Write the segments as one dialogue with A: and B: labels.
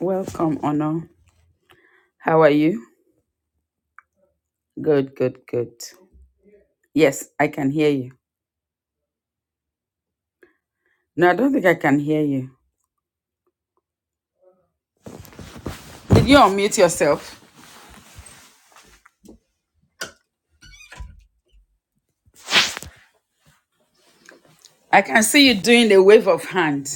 A: Welcome, honor. How are you? Good, good, good. Yes, I can hear you. No, I don't think I can hear you. Did you unmute yourself? I can see you doing a wave of hand.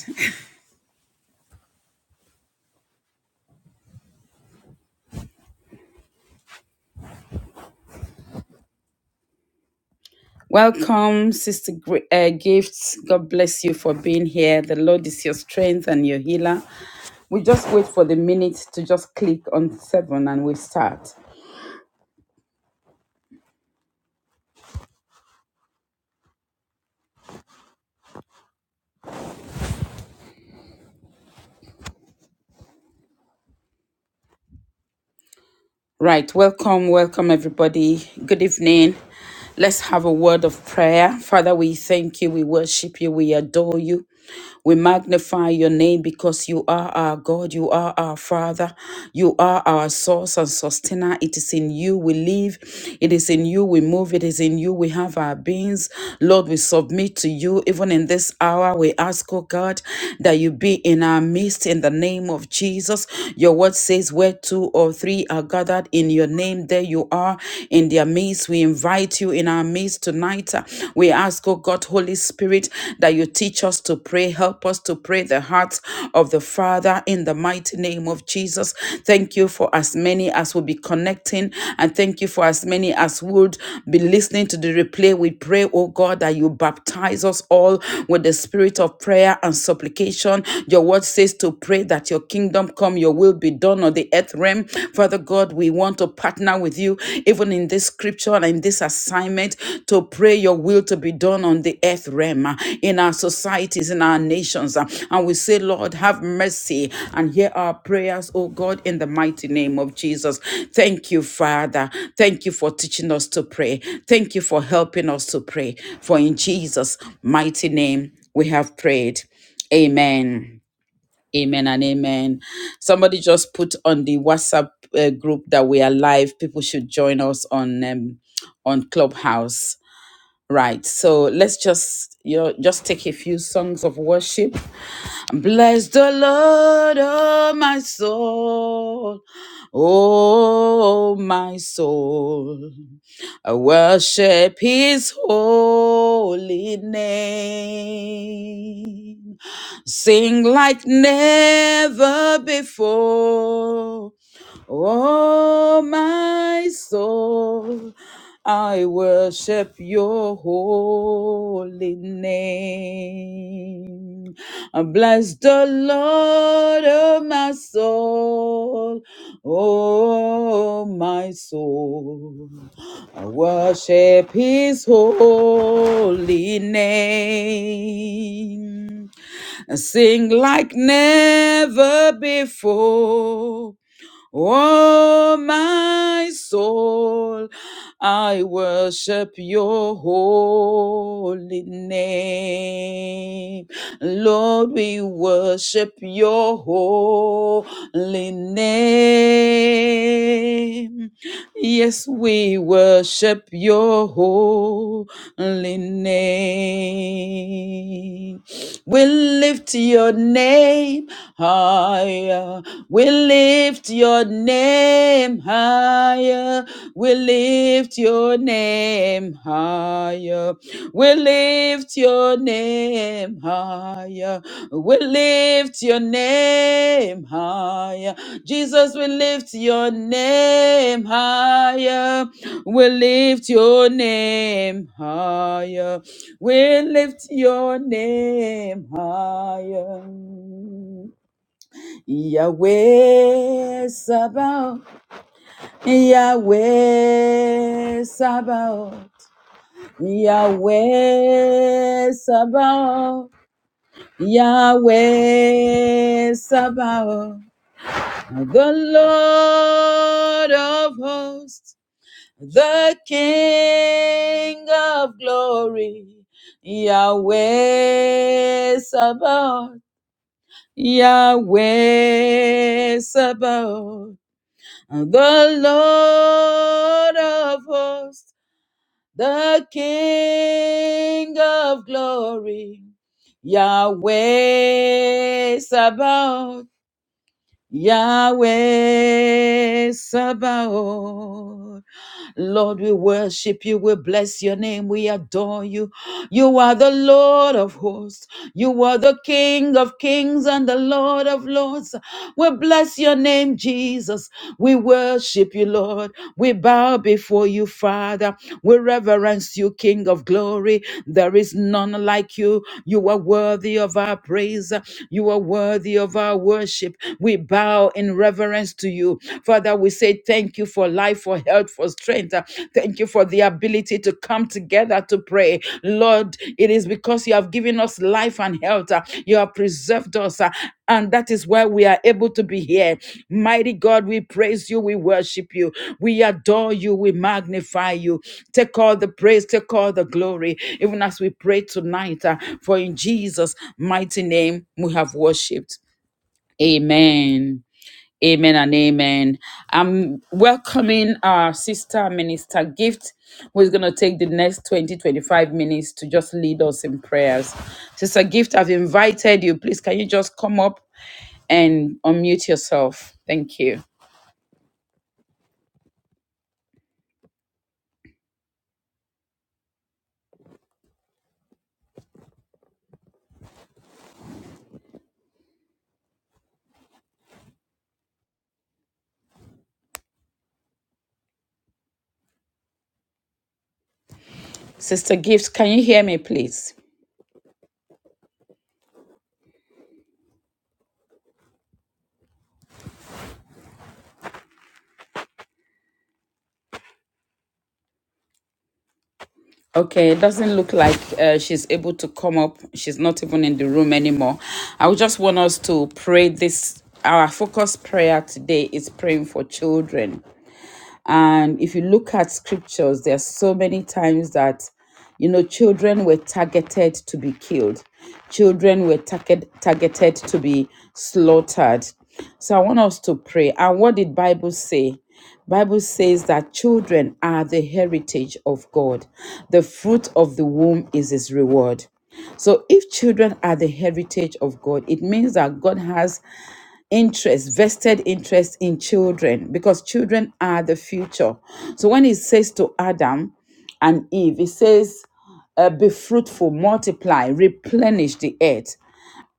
A: Welcome, Sister Gr- uh, Gifts. God bless you for being here. The Lord is your strength and your healer. We just wait for the minute to just click on seven and we start. Right, welcome, welcome everybody. Good evening. Let's have a word of prayer. Father, we thank you, we worship you, we adore you. We magnify your name because you are our God, you are our Father, you are our source and sustainer. It is in you we live, it is in you we move, it is in you we have our beings. Lord, we submit to you even in this hour. We ask, oh God, that you be in our midst in the name of Jesus. Your word says, place where two or three are gathered in your name. There you are in their midst. We invite you in our midst tonight. We ask, oh God, Holy Spirit, that you teach us to pray. Help us to pray the heart of the Father in the mighty name of Jesus. Thank you for as many as will be connecting, and thank you for as many as would be listening to the replay. We pray, oh God, that you baptize us all with the spirit of prayer and supplication. Your word says to pray that your kingdom kingdom come, your will be done on the earth realm. Father God, we want to partner with you, even in this scripture and in this assignment, to pray your will to be done on the earth realm, uh, in our societies, in our nations. uh, And we say, Lord, have mercy and hear our prayers, oh God, in the mighty name of Jesus. Thank you, Father. Thank you for teaching us to pray. Thank you for helping us to pray. For in Jesus' mighty name we have prayed. Amen. Amen and amen. Somebody just put on the WhatsApp uh, group that we are live. People should join us on um, on Clubhouse. Right. So let's just you know, just take a few songs of worship. Bless the Lord, oh my soul. Oh my soul. I worship his holy name. Sing like never before. Oh, my soul, I worship your holy name. Bless the Lord, oh, my soul. Oh, my soul, I worship his holy name. Sing like never before. Oh, my soul, I worship your holy name. Lord, we worship your holy name. Yes, we worship your holy name. We lift your name higher we lift your name higher. We lift your name higher. We lift your name higher. We lift your name higher. Jesus, we lift your name higher. We lift your name higher. We lift your name higher. Yahweh Sabaoth, Yahweh Sabaoth, Yahweh Sabaoth, Yahweh Sabaoth, the Lord of hosts, the King of glory, Yahweh Sabaoth, Yahweh Sabaoth. The Lord of hosts, the King of glory, Yahweh Sabaoth, Yahweh Sabaoth. Lord, we worship you. We bless your name. We adore you. You are the Lord of hosts. You are the King of kings and the Lord of lords. We bless your name, Jesus. We worship you, Lord. We bow before you, Father. We reverence you, King of glory. There is none like you. You are worthy of our praise. You are worthy of our worship. We bow in reverence to you you. Father, we say thank you for life, for health, for strength. Uh, Thank you for the ability to come together to pray. Lord, it is because you have given us life and health. uh, You have preserved us. uh, And that is why we are able to be here. Mighty God, we praise you. We worship you. We adore you. We magnify you. Take all the praise. Take all the glory. Even as we pray tonight, uh, for in Jesus' mighty name we have worshiped. Amen. Amen and amen. I'm welcoming our sister minister Gift, who is going to take the next twenty twenty five minutes to just lead us in prayers. Sister Gift, I've invited you. Please, can you just come up and unmute yourself? Thank you. Sister Gift, can you hear me, please? Okay, it doesn't look like uh, she's able to come up. She's not even in the room anymore. I would just want us to pray this. Our focus prayer today is praying for children. And if you look at scriptures, there are so many times that, you know, children were targeted to be killed, children were target, targeted to be slaughtered. So I want us to pray. And what did Bible say? Bible says that children are the heritage of God. The fruit of the womb is his reward. So if children are the heritage of God, it means that God has interest, vested interest in children, because children are the future. So when it says to Adam and Eve, it says, uh, be fruitful, multiply, replenish the earth.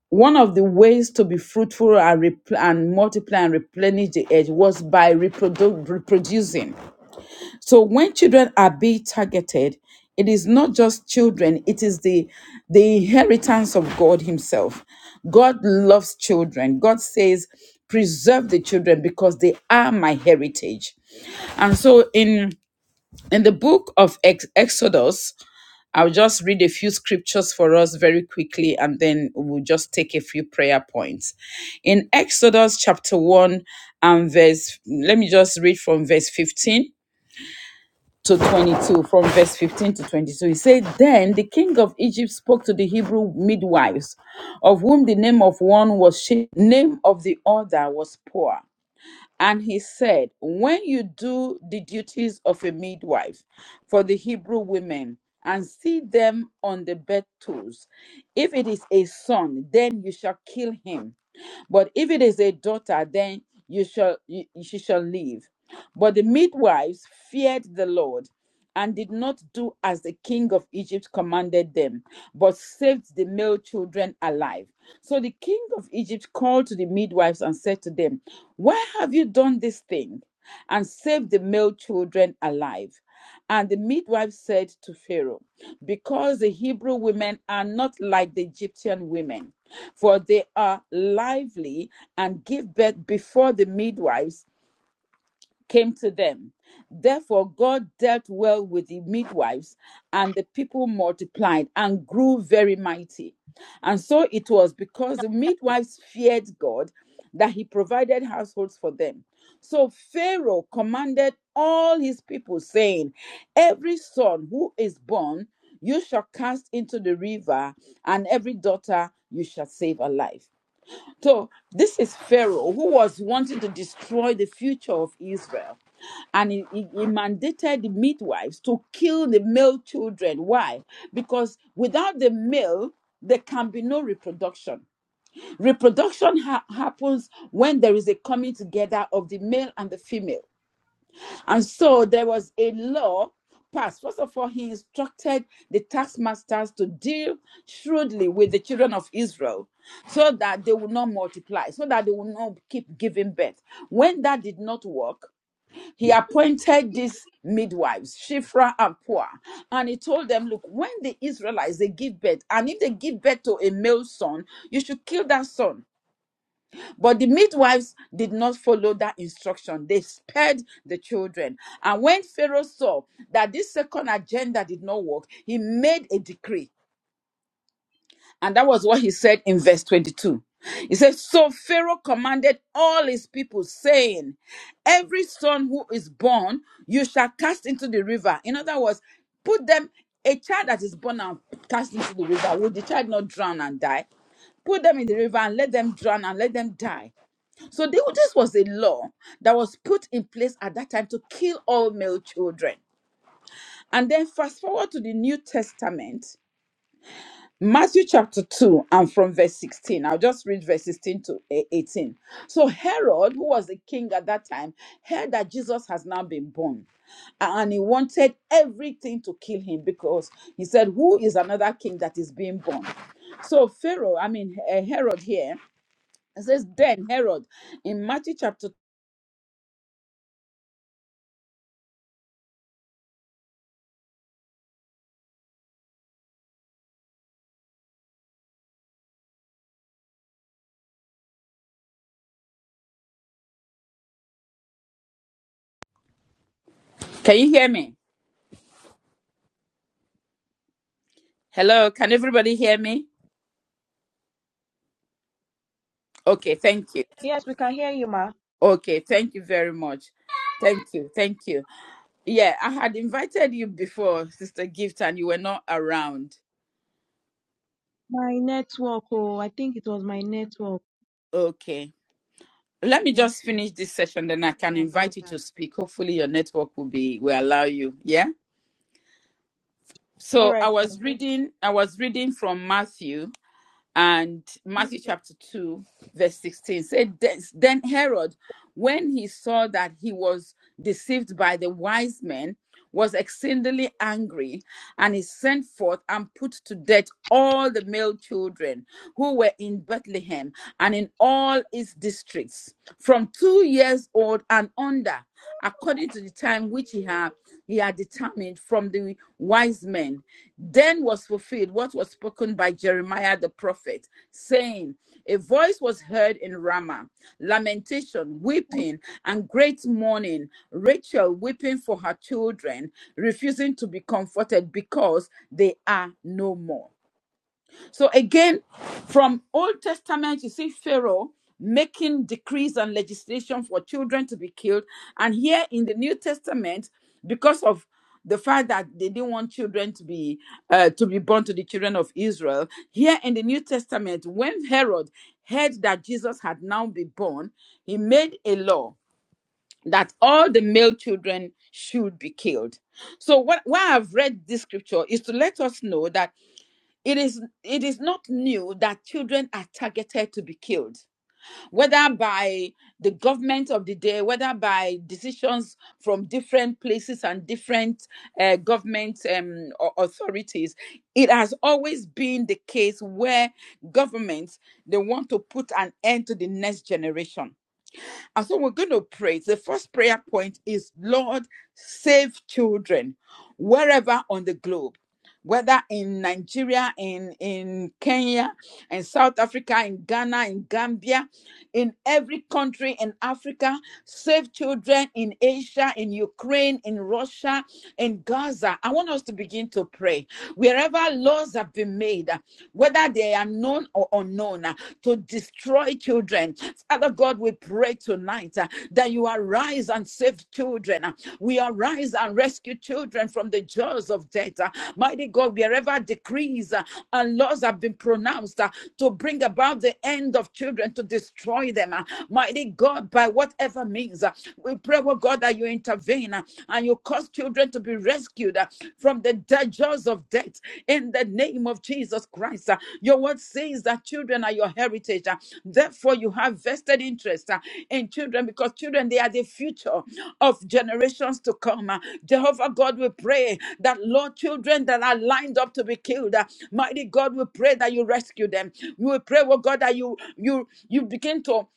A: One of the ways to be fruitful and, repl- and multiply and replenish the earth was by reprodu- reproducing. So when children are being targeted, it is not just children, it is the, the inheritance of God Himself. God loves children. God says, preserve the children because they are my heritage. And so in in the book of Ex- Exodus, I'll just read a few scriptures for us very quickly and then we'll just take a few prayer points. In Exodus chapter 1 and verse, let me just read from verse 15 to 22, from verse 15 to 22. He said, Then the king of Egypt spoke to the Hebrew midwives, of whom the name of one was she, name of the other was poor. And he said, When you do the duties of a midwife for the Hebrew women, and see them on the bed tools. If it is a son, then you shall kill him but if it is a daughter, then you shall you, she shall live. But the midwives feared the Lord and did not do as the king of Egypt commanded them, but saved the male children alive. So the king of Egypt called to the midwives and said to them, Why have you done this thing and saved the male children alive? And the midwife said to Pharaoh, Because the Hebrew women are not like the Egyptian women, for they are lively and give birth before the midwives, came to them. Therefore, God dealt well with the midwives, and the people multiplied and grew very mighty. And so it was because the midwives feared God that he provided households for them. So Pharaoh commanded all his people, saying, Every son who is born you shall cast into the river, and every daughter you shall save alive. So this is Pharaoh who was wanting to destroy the future of Israel. And he, he- he mandated the midwives to kill the male children. Why? Because without the male, there can be no reproduction. Reproduction ha- happens when there is a coming together of the male and the female. And so there was a law passed. First of all, he instructed the taskmasters to deal shrewdly with the children of Israel so that they would not multiply, so that they would not keep giving birth. When that did not work, he appointed these midwives, Shifra and Puah, and he told them, Look, when the Israelites they give birth, and if they give birth to a male son, you should kill that son but the midwives did not follow that instruction. They spared the children. And when Pharaoh saw that this second agenda did not work, he made a decree. And that was what he said in verse 22. He says, So Pharaoh commanded all his people, saying, Every son who is born, you shall cast into the river. In other words, put them, a child that is born and cast into the river, will the child not drown and die? Put them in the river and let them drown and let them die. So they, this was a law that was put in place at that time to kill all male children. And then fast forward to the New Testament, Matthew chapter 2, and from verse 16. I'll just read verse 16 to eh, 18. So Herod, who was the king at that time, heard that Jesus has now been born. And he wanted everything to kill him because he said, Who is another king that is being born? So Pharaoh, I mean eh, Herod here, it says, Then Herod, in Matthew chapter, can you hear me? Hello, can everybody hear me? Okay, thank you.
B: Yes, we can hear you, ma.
A: Okay, thank you very much. Thank you, thank you. Yeah, I had invited you before, Sister Gift, and you were not around.
B: My network, oh, I think it was my network.
A: Okay. Let me
B: Yes,
A: just
B: ma.
A: finish this session, then I can
B: Sorry about
A: invite you
B: that.
A: to speak. Hopefully your network will be will allow you. Yeah.
B: All
A: So I
B: right, ma.
A: was reading, I was reading from Matthew and
B: Thank
A: Matthew
B: you,
A: chapter 2, verse 16 said, Then Herod, when he saw that he was deceived by the wise men, was exceedingly angry, and he sent forth and put to death all the male children who were in Bethlehem and in all its districts, from two years old and under, according to the time which he had he had determined from the wise men then was fulfilled what was spoken by Jeremiah the prophet, saying, A voice was heard in Ramah, lamentation, weeping, and great mourning. Rachel weeping for her children, refusing to be comforted because they are no more. So again, from Old Testament, you see Pharaoh making decrees and legislation for children to be killed. And here in the New Testament, because of the fact that they didn't want children to be uh, to be born to the children of Israel, here in the New Testament, when Herod heard that Jesus had now been born, he made a law that all the male children should be killed. So what why I've read this scripture is to let us know that it is it is not new that children are targeted to be killed, whether by the government of the day, whether by decisions from different places and different uh, government um, authorities. It has always been the case where governments they want to put an end to the next generation and so we're going to pray. The first prayer point is Lord, save children wherever on the globe, whether in Nigeria, in, in Kenya, in South Africa, in Ghana, in Gambia, in every country in Africa, save children in Asia, in Ukraine, in Russia, in Gaza. I want us to begin to pray. Wherever laws have been made, whether they are known or unknown, to destroy children. Father God, we we pray tonight uh, that you arise and save children. uh, We arise and rescue children from the jaws of death. uh, Mighty God, wherever decrees uh, and laws have been pronounced uh, to bring about the end of children, to destroy them. uh, Mighty God, by whatever means, uh, we pray, oh God, that you intervene uh, and you cause children to be rescued uh, from the death the jaws of death in the name of Jesus Christ. Uh, Your word says that children are your heritage. Uh, Therefore, you have vested interest uh, in children because children, they are the future of generations to come. Uh, Jehovah God, we pray that, Lord, children that are lined up to be killed, uh, mighty God, we pray that you rescue them. We pray, oh God, that you you you begin to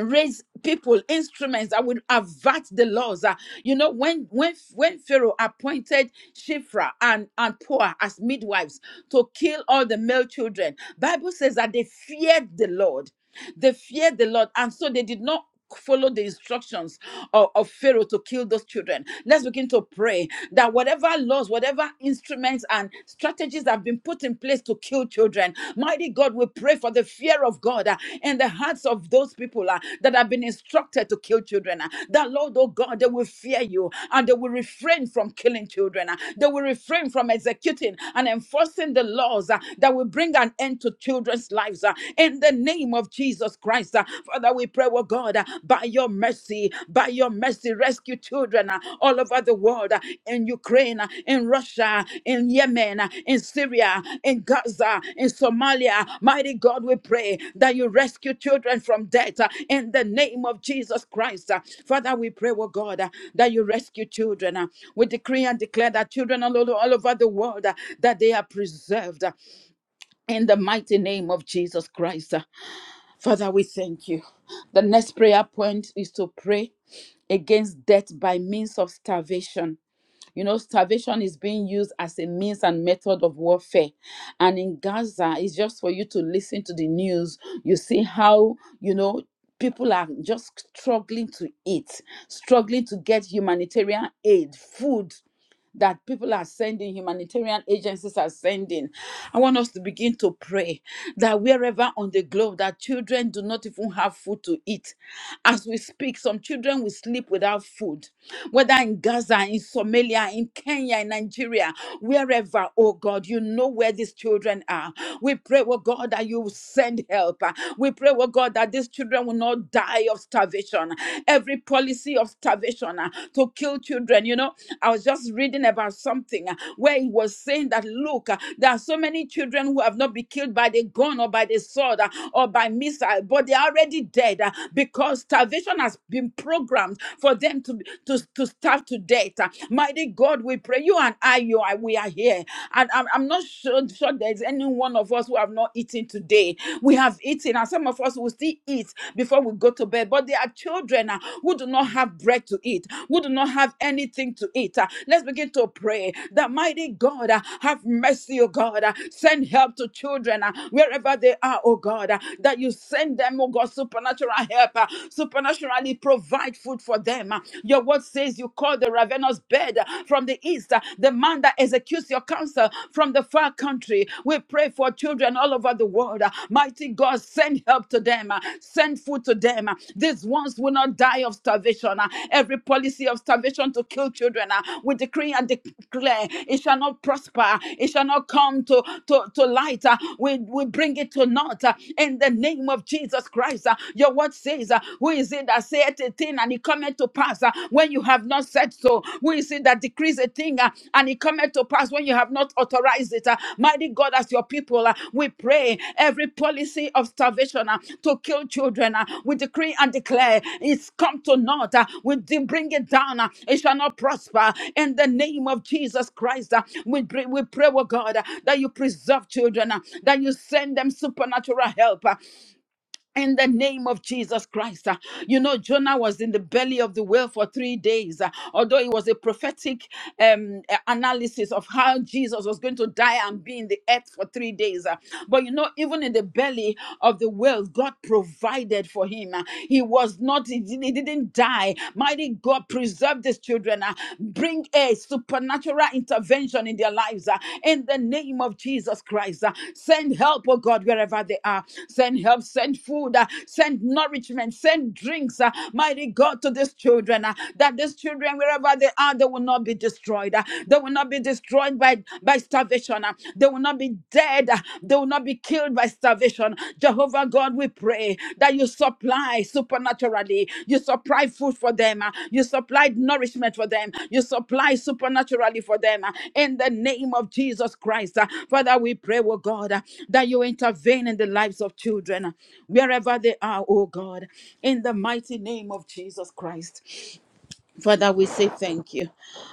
A: raise people instruments that will avert the laws Uh, you know when when when pharaoh appointed shifra and and poor as midwives to kill all the male children bible says that they feared the lord they feared the lord and so they did not follow the instructions of, of Pharaoh to kill those children. Let's begin to pray that whatever laws, whatever instruments and strategies have been put in place to kill children, mighty God, we pray for the fear of God uh, in the hearts of those people uh, that have been instructed to kill children. uh, that Lord, oh God, they will fear you and they will refrain from killing children. uh, they will refrain from executing and enforcing the laws uh, that will bring an end to children's lives. uh, in the the name of Jesus Christ. Uh, Father, we pray, oh God, uh, by your mercy, by your mercy, rescue children uh, all over the world uh, in Ukraine, uh, in Russia, in Yemen, uh, in Syria, in Gaza, in Somalia. Mighty God, we pray that you rescue children from death uh, in the name of Jesus Christ. Uh, Father, we pray, oh God, uh, that you rescue children. uh, we decree and declare that children all, all all over the world uh, that they are preserved. Uh, in the mighty name of Jesus Christ. Father, we thank you. The next prayer point is to pray against death by means of starvation. You know, starvation is being used as a means and method of warfare. And in Gaza, it's just for you to listen to the news. You see how, you know, people are just struggling to eat, struggling to get humanitarian aid, food that people are sending, humanitarian agencies are sending. I want us to begin to pray that wherever on the globe that children do not even have food to eat. As we speak, some children will sleep without food whether in Gaza, in Somalia, in Kenya, in Nigeria, wherever, oh God, you know where these children are. We pray, oh God, that you will send help. We pray, oh God, that these children will not die of starvation. Every policy of starvation uh, to kill children, you know, I was just reading about something uh, where it was saying that, look, uh, there are so many children who have not been killed by the gun or by the sword uh, or by missile, but they are already dead uh, because starvation has been programmed program for them to, to, to starve to death. Uh, Mighty God, we pray. You and I, you are, we are here. And I'm, I'm not sure, sure there's any one of us who have not eaten today. We have eaten, and some of us will still eat before we go to bed. But there are children uh, who do not have bread to eat, who do not have anything to eat. Uh, Let's begin to pray that mighty God, uh, have mercy, oh God. uh, Send help to children uh, wherever they are, oh God. uh, That you send them, oh God, supernatural help, uh, supernatural supernaturally provide food for them. Your word says you call the ravenous bed from the east, the man that executes your counsel from the far country. We pray for children all over the world. Mighty God, send help to them, send food to them. These ones will not die of starvation. Every policy of starvation to kill children, we decree and declare it shall not prosper, it shall not come to, to, to light. We, we bring it to naught in the name of Jesus Christ uh, your word says, uh, Who is it that saith a thing and it cometh to pass uh, when you have not said so? Who is it that decrees a thing uh, and it cometh to pass when you have not authorized it? uh? mighty God, as your people, uh, we pray every policy of starvation uh, to kill children, uh, we decree and declare it's come to naught. uh, we de- bring it down, uh, it shall not prosper. In the name of Jesus Christ, uh, we, pray, we pray, oh God, uh, that you preserve children, uh, that you send them supernatural help. uh, in the name of Jesus Christ. Uh, You know, Jonah was in the belly of the whale for three days. Uh, Although it was a prophetic um, uh, analysis of how Jesus was going to die and be in the earth for three days. Uh, But you know, even in the belly of the whale, God provided for him. Uh, He was not, he didn't he didn't die. Mighty God preserved his children, uh, bring a supernatural intervention in their lives uh, in the name of Jesus Christ. uh, Send help, oh God, wherever they are. Send help, send food, uh, send nourishment, send drinks, uh, mighty God, to these children. uh, That these children, wherever they are, they will not be destroyed. uh, They will not be destroyed by, by starvation. uh, They will not be dead. uh, They will not be killed killed by starvation. Jehovah God, we pray that you supply supernaturally. You supply food for them. uh, You supply nourishment for them. You supply supernaturally for them. uh, In the name of Jesus Christ. uh. Father, we pray, oh God, uh, that you intervene in the lives of children, uh, wherever they are, oh God, in the mighty name of Jesus Christ. Father, we say thank you.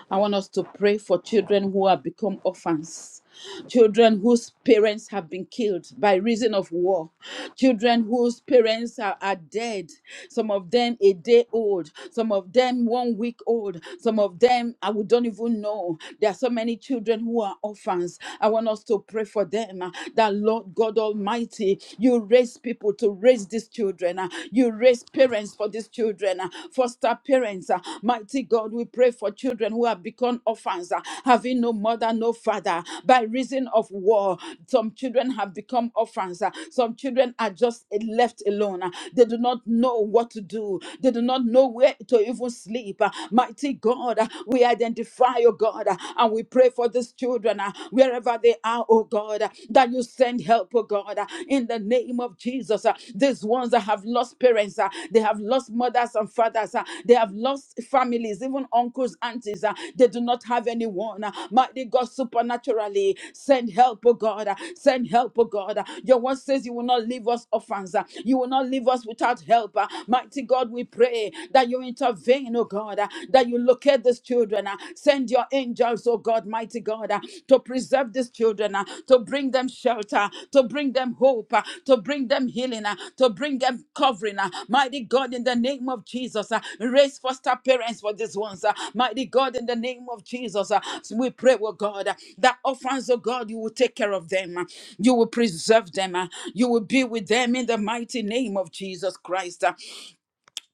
A: I want us to pray for children who have become orphans, children whose parents have been killed by reason of war, children whose parents are, are dead, some of them a day old, some of them one week old, some of them I would don't even know. There are so many children who are orphans. I want us to pray for them uh, that Lord God Almighty, you raise people to raise these these children. ah. You raise parents for these children, ah. foster parents. ah. Mighty God, we pray for children who have become orphans, ah, having no mother, no father, by reason of war. Some children have become orphans. ah. Some children are just uh, left alone. ah. They do not know what to do, they do not know where to even sleep. ah. Mighty God, ah, we identify, oh God, ah, and we pray for these children ah, wherever they are, oh oh God, uh, that you send help, oh God, uh, in the name of Jesus. uh, These ones that have lost parents, uh, they have lost mothers and fathers, uh, they have lost families, even uncles, aunties, uh, they do not have anyone. uh, Mighty God, supernaturally, send help, oh God, uh, send help, oh God. uh, Your word says you will not leave us orphans, uh, you will not leave us without help. uh, Mighty God, we pray that you intervene, oh God, uh, that you locate these children children. uh, Send your angels, oh God, mighty God, uh, to preserve these children, uh, to bring them shelter, to bring them hope, uh, to bring them healing, uh, to bring them covering. uh, Mighty God, in the name of Jesus, uh, raise foster parents for these ones. uh, Mighty God, in the name of Jesus, uh, so we pray, oh God, uh, that orphans, oh God, you will take care of them. uh, You will preserve them. uh, You will be with them in the mighty name of Jesus Christ. uh,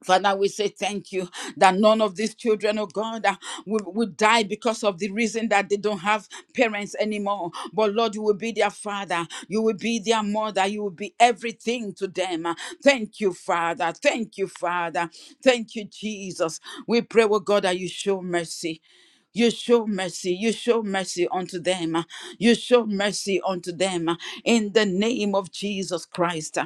A: Father, we say thank you that none of these children, oh God, uh, will, will die because of the reason that they don't have parents anymore. But Lord, you will be their father, you will be their mother, you will be everything to them. Uh, Thank you, Father. Thank you, Father. Thank you, Jesus. We pray, oh God, that you show mercy. You show mercy, you show mercy unto them, uh, you show mercy unto them uh, in the name of Jesus Christ.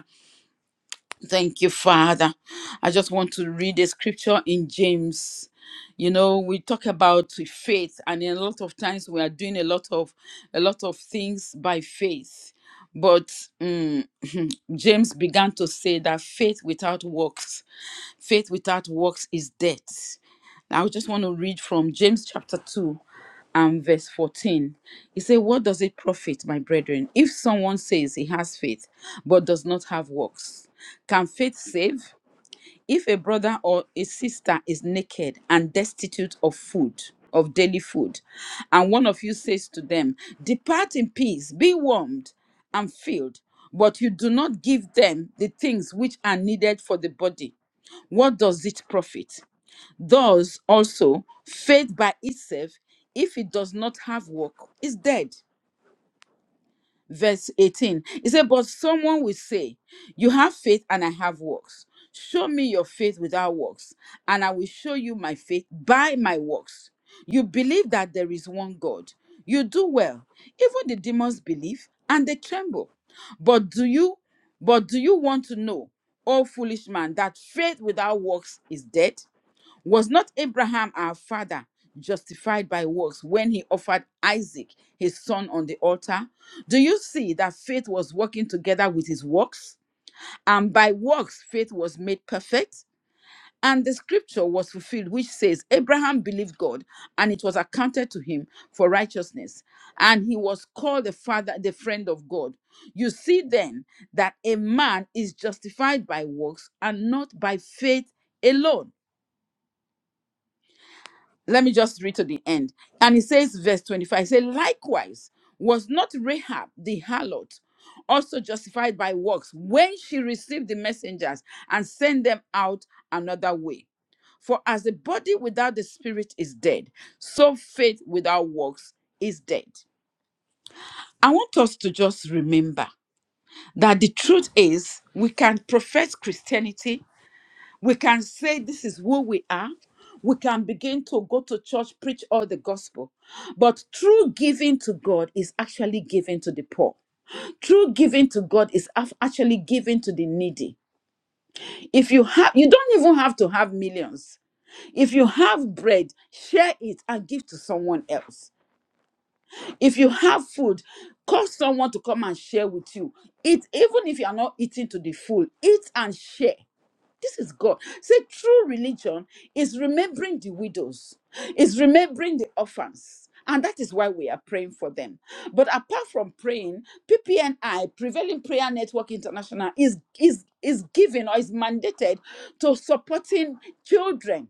A: Thank you, Father. I just want to read a scripture in James. You know, we talk about faith, and a lot of times we are doing a lot of a lot of things by faith. But mm, James began to say that faith without works, faith without works is dead. I just want to read from James chapter 2 and verse 14. He said, What does it profit, my brethren, if someone says he has faith but does not have works? Can faith save? If a brother or a sister is naked and destitute of food, of daily food, and one of you says to them, 'Depart in peace, be warmed and filled, but you do not give them the things which are needed for the body, what does it profit? Thus, also, faith by itself, if it does not have work, is dead. Verse 18. It said, But someone will say, You have faith and I have works. Show me your faith without works, and I will show you my faith by my works. You believe that there is one God. You do well. Even the demons believe and they tremble. But do you but do you want to know, O foolish man, that faith without works is dead? Was not Abraham our father justified by works when he offered Isaac, his son, on the altar? Do you see that faith was working together with his works? And by works, faith was made perfect? And the scripture was fulfilled, which says, Abraham believed God, and it was accounted to him for righteousness. And he was called the father, the friend of God. You see then that a man is justified by works and not by faith alone. let me just read to the end. And it says, verse 25, it says, likewise, was not Rahab the harlot also justified by works when she received the messengers and sent them out another way? For as the body without the spirit is dead, so faith without works is dead. I want us to just remember that the truth is we can profess Christianity we can say this is who we are. We can begin to go to church, preach all the gospel. But true giving to God is actually giving to the poor. True giving to God is af- actually giving to the needy. If you have, you don't even have to have millions. If you have bread, share it and give to someone else. If you have food, call someone to come and share with you. Eat, even if you are not eating to the full, eat and share. This is God. Say true religion is remembering the widows, is remembering the orphans. And that is why we are praying for them. But apart from praying, PPNI, Prevailing Prayer Network International, is is is given or is mandated to supporting children.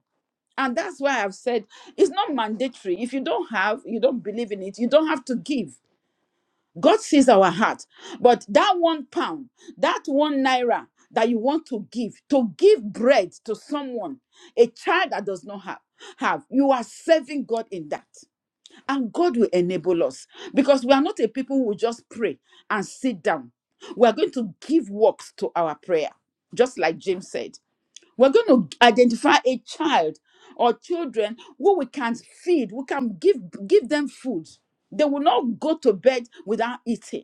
A: And that's why I've said it's not mandatory. If you don't have, you don't believe in it, you don't have to give. God sees our heart. But that one pound, that one naira that you want to give, to give bread to someone, a child that does not have, have, you are serving God in that. And God will enable us because we are not a people who will just pray and sit down. We are going to give works to our prayer, just like James said. We're going to identify a child or children who we can feed, we can give give them food. They will not go to bed without eating.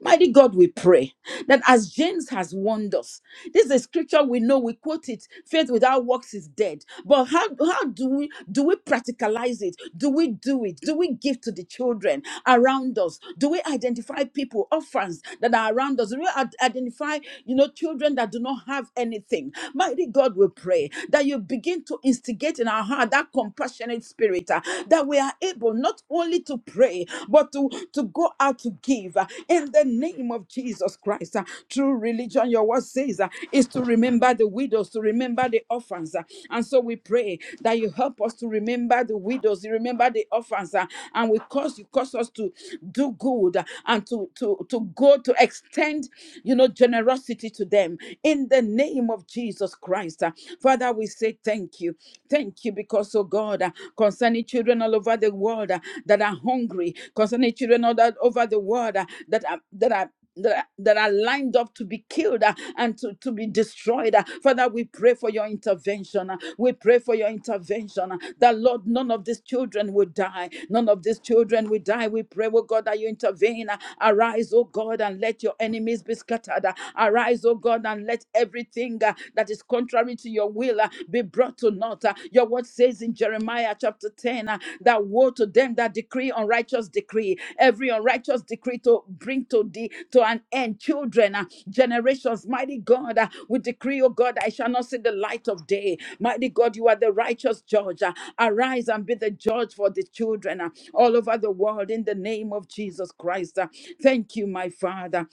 A: Mighty God, we pray that as James has warned us, this is a scripture we know, we quote it, faith without works is dead. But how, how do we do we practicalize it? Do we do it? Do we give to the children around us? Do we identify people, orphans that are around us? Do we ad- identify, you know, children that do not have anything? Mighty God, we pray that you begin to instigate in our heart that compassionate spirit, uh, that we are able not only only to pray, but to, to go out to give uh, in the name of Jesus Christ. uh, True religion, your word says, uh, is to remember the widows, to remember the orphans. uh, And so we pray that you help us to remember the widows, you remember the orphans, uh, and we cause you cause us to do good uh, and to, to, to go to extend, you know, generosity to them in the name of Jesus Christ. uh. Father, we say thank you. Thank you thank you because, oh God, uh, concerning children all over the world uh, that are hungry, concerning children all that- over the world uh, that are that are that are that are lined up to be killed uh, and to, to be destroyed. uh. Father, we pray for your intervention. uh. We pray for your intervention uh, that, Lord, none of these children will die. None of these children will die. We pray, oh God, that you intervene. uh. Arise, oh God, and let your enemies be scattered. uh. Arise, oh God, and let everything anything uh, that is contrary to your will uh, be brought to naught. uh. Your word says in Jeremiah chapter 10 uh, that woe to them that decree unrighteous decree, every unrighteous decree to bring to thee to an end. Children, uh, generations, mighty God, uh, we decree, oh God, I shall not see the light of day. Mighty God, you are the righteous judge. uh, Arise and be the judge for the children uh, all over the world in the name of Jesus Christ. uh. Thank you, my Father.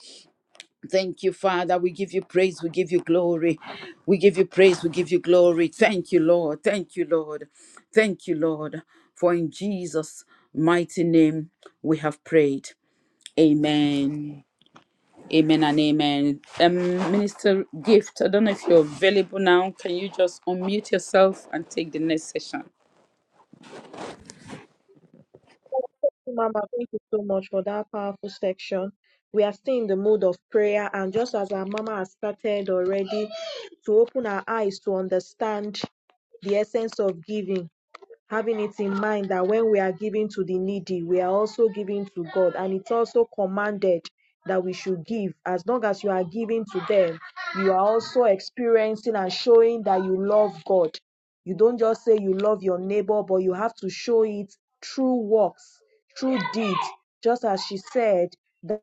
A: Thank you, Father. We give you praise. We give you glory. We give you praise. We give you glory. Thank you, Lord. Thank you, Lord. Thank you, Lord. For in Jesus' mighty name we have prayed. Amen. Amen and amen. Um, Minister Gift, I don't know if you're available now. Can you just unmute yourself and take the next session?
B: Thank you, Mama. Thank you so much for that powerful section. We are still in the mood of prayer, and just as our Mama has started already to open our eyes to understand the essence of giving, having it in mind that when we are giving to the needy, we are also giving to God. And it's also commanded that we should give. As long as you are giving to them, you are also experiencing and showing that you love God. You don't just say you love your neighbor, but you have to show it through works, through deeds. Just as she said, that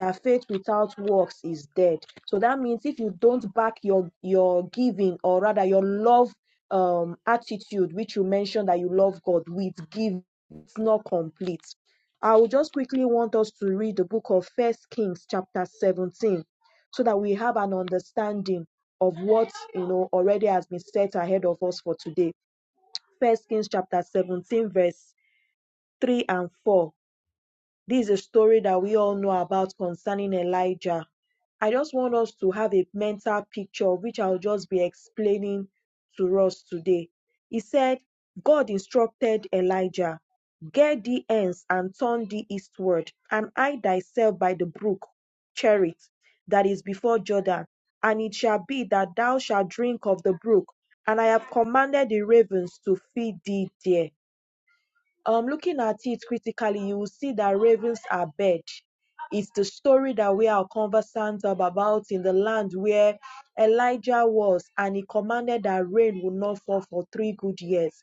B: that faith without works is dead. So that means if you don't back your your giving or rather your love um attitude, which you mentioned that you love God with give, it's not complete. I will just quickly want us to read the book of First Kings, chapter 17, so that we have an understanding of what you know already has been set ahead of us for today. First Kings chapter 17, verse 3 and 4. This is a story that we all know about concerning Elijah. I just want us to have a mental picture of which I'll just be explaining to us today. He said, God instructed Elijah, Get thee hence and turn thee eastward, and hide thyself by the brook Cherith that is before Jordan. And it shall be that thou shalt drink of the brook, and I have commanded the ravens to feed thee there um, looking at it critically, you will see that ravens are bad. It's the story that we are conversant of about in the land where Elijah was, and he commanded that rain would not fall for three good years.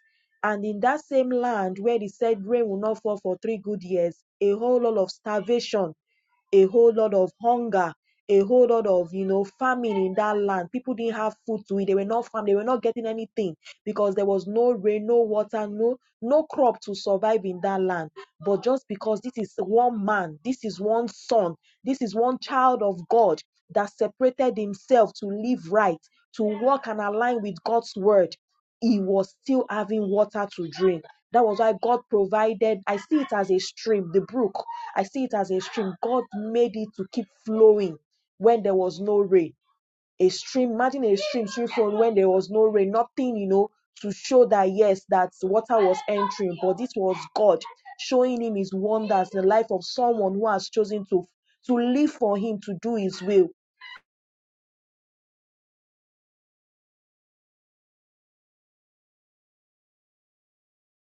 B: And in that same land where he said rain will not fall for three good years, a whole lot of starvation a whole lot of hunger, a whole lot of you know famine in that land. People didn't have food to eat. They were not farm. They were not getting anything because there was no rain, no water, no no crop to survive in that land. But just because this is one man, this is one son, this is one child of God that separated himself to live right, to walk and align with God's word he was still having water to drink. That was why God provided. I see it as a stream, the brook. I see it as a stream. God made it to keep flowing when there was no rain. A stream, imagine a stream flowing when there was no rain, nothing, you know, to show that yes, that water was entering. But this was God showing him his wonders, the life of someone who has chosen to to live for him, to do his will.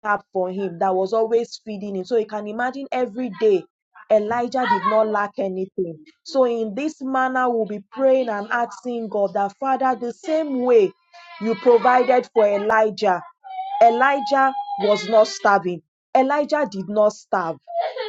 B: tap for him that was always feeding him. So you can imagine every day Elijah did not lack anything. So in this manner, we'll be praying and asking God that Father, the same way you provided for Elijah, Elijah was not starving. Elijah did not starve.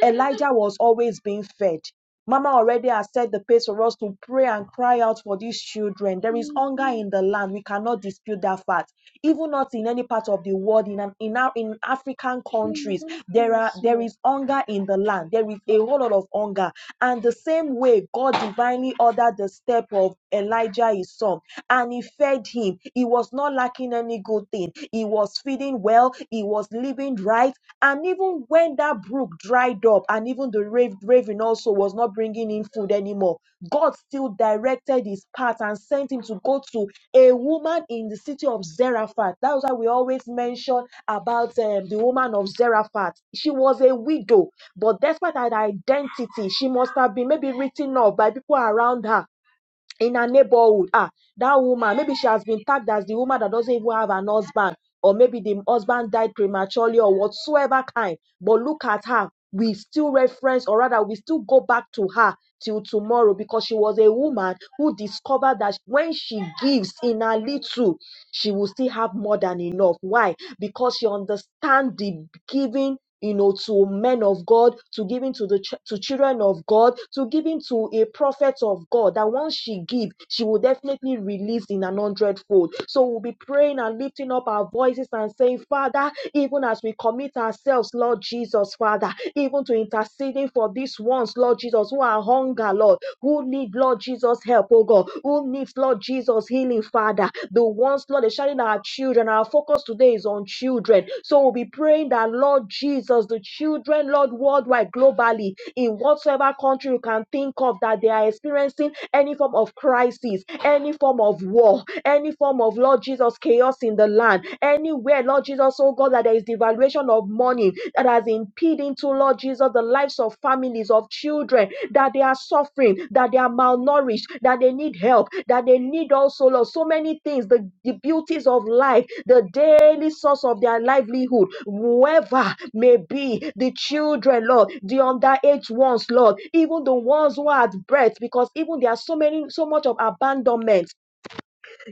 B: Elijah was always being fed. Mama already has set the pace for us to pray and cry out for these children. There is hunger in the land. We cannot dispute that fact. Even not in any part of the world, in an, in, our, in African countries, there are there is hunger in the land. There is a whole lot of hunger. And the same way God divinely ordered the step of Elijah his son, and he fed him. He was was not lacking any good thing. He was feeding well, he was living right. And even when that brook dried up, and even the rav- raven also was not bringing in food anymore, God still directed his path and sent him to go to a woman in the city of Zarephath. That's why we always mention about um, the woman of Zarephath. She was a widow, but despite her identity, she must have been maybe written off by people around her in her neighborhood ah that woman maybe she has been tagged as the woman that doesn't even have an husband or maybe the husband died prematurely or whatsoever kind but look at her we still reference or rather we still go back to her till tomorrow because she was a woman who discovered that when she gives in her little she will still have more than enough. Why? Because she understands the giving. You know, to men of God, to giving to the ch- to children of God, to giving to a prophet of God. That once she give, she will definitely release in an hundredfold. So we'll be praying and lifting up our voices and saying, Father, even as we commit ourselves, Lord Jesus, Father, even to interceding for these ones, Lord Jesus, who are hunger, Lord who need, Lord Jesus, help, oh God, who needs, Lord Jesus, healing, Father. The ones, Lord, they're sharing our children. Our focus today is on children. So we'll be praying that, Lord Jesus, the children, Lord, worldwide, globally, in whatsoever country you can think of, that they are experiencing any form of crisis, any form of war, any form of, Lord Jesus, chaos in the land, anywhere, Lord Jesus, oh God, that there is devaluation mountain of money that has impeded to Lord Jesus the lives of families of children that they are suffering, that they are malnourished, that they need help, that they need also Lord so many things, the, the beauties of life, the daily source of their livelihood, whoever may be the children, Lord, the underage ones, Lord, even the ones who are at birth, because even there are so many, so much of abandonment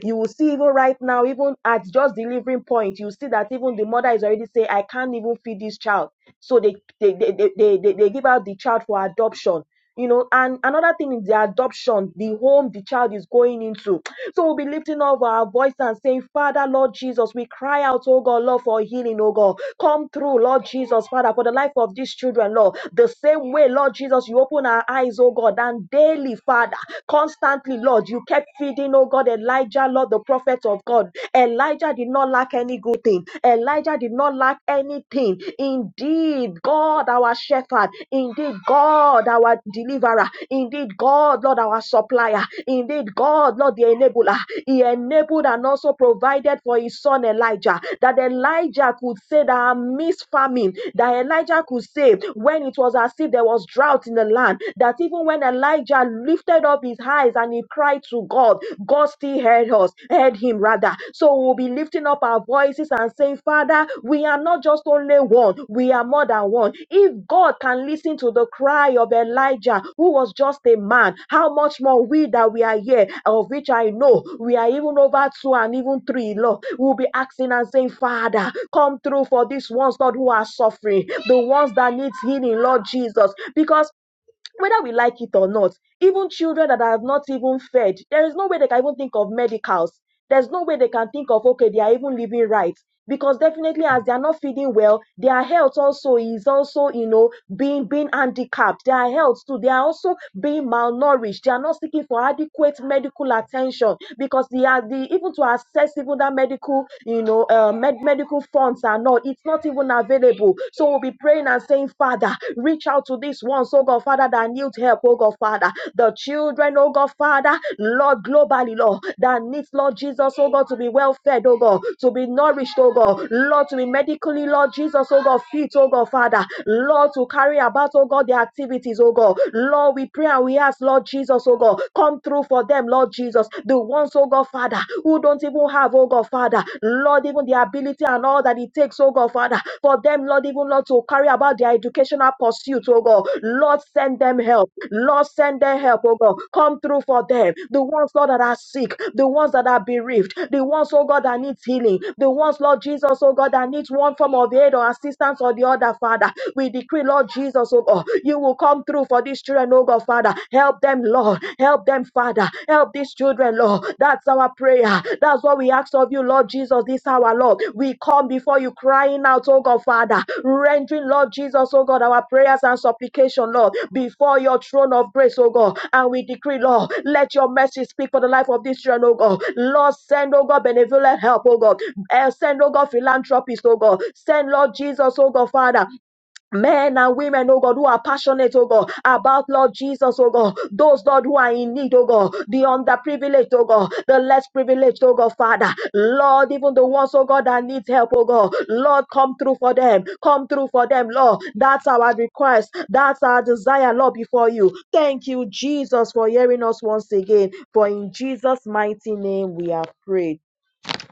B: you will see even right now, even at just delivering point, you see that even the mother is already saying, I can't even feed this child. So they they they, they, they, they give out the child for adoption you know and another thing is the adoption the home the child is going into so we'll be lifting up our voice and saying father lord jesus we cry out oh god lord for healing oh god come through lord jesus father for the life of these children lord the same way lord jesus you open our eyes oh god and daily father constantly lord you kept feeding oh god elijah lord the prophet of god elijah did not lack any good thing elijah did not lack lack anything. Indeed, God, our shepherd. Indeed, God, our deliverer. Indeed, God, Lord, our supplier. Indeed, God, Lord, the enabler. He enabled and also provided for his son Elijah. That Elijah could say that I famine. That Elijah could say when it was as if there was drought in the land. That even when Elijah lifted up his eyes and he cried to God, God still heard us, heard him rather. So we'll be lifting up our voices and saying, Father, we are not just only one, we are more than one. If God can listen to the cry of Elijah, who was just a man, how much more we that we are here, of which I know we are even over two and even three, Lord, we'll be asking and saying, Father, come through for these ones, Lord, who are suffering, the ones that needs healing, Lord Jesus, because whether we like it or not, even children that have not even fed, there is no way they can even think of medicals. There's no way they can think of, okay, they are even living right. Because definitely as they are not feeding well, their health also is also, you know, being being handicapped. Their health too, they are also being malnourished. They are not seeking for adequate medical attention because they are the even to access even that medical, you know, uh, med- medical funds are not. It's not even even Available, So we'll be praying and saying, Father, reach out to these ones, oh God, Father, that need help, oh God, Father. The children, oh God, Father, Lord, globally, Lord, that needs, Lord Jesus, oh God, to be well fed, oh God, to be nourished, oh God, Lord, to be medically, Lord Jesus, oh God, fit, oh God, Father, Lord, to carry about, oh God, their activities, oh God. Lord, we pray and we ask, Lord Jesus, oh God, come through for them, Lord Jesus, the ones, oh God, Father, who who don't even have, oh God, Father, Lord, even the ability and all that it takes, oh God, Father, for them, Lord, even Lord, to carry about their educational pursuit, oh God. Lord, send them help. Lord, send them help, oh God. Come through for them. The ones, Lord, that are sick, the ones that are bereaved, the ones, oh God, that needs healing, the ones, Lord Jesus, oh God, that needs one form of aid or assistance or the other, Father. We decree, Lord Jesus, oh God, you will come through for these children, oh God, Father. Help them, Lord. Help them, Father. Help these children, Lord. That's our prayer. That's what we ask of you, Lord Jesus, this hour, Lord. We come before you crying out, oh God, Father, rendering, Lord Jesus, oh God, our prayers and supplication, Lord, before your throne of grace, oh God. And we decree, Lord, let your mercy speak for the life of this children, oh God. Lord, send, oh God, benevolent help, oh God. Eh, Send, oh God, philanthropist, oh God. Send, Lord Jesus, oh God, Father, men and women, oh God, who are passionate, oh God, about Lord Jesus, oh God, those, Lord, who are in need, oh God, the underprivileged, oh God, the less privileged, oh God, Father, Lord, even the ones, oh God, that needs help, oh God, Lord, come through for them, come through for them, Lord, that's our request, that's our desire, Lord, before you. Thank you, Jesus, for hearing us once again, for in Jesus' mighty name we are prayed.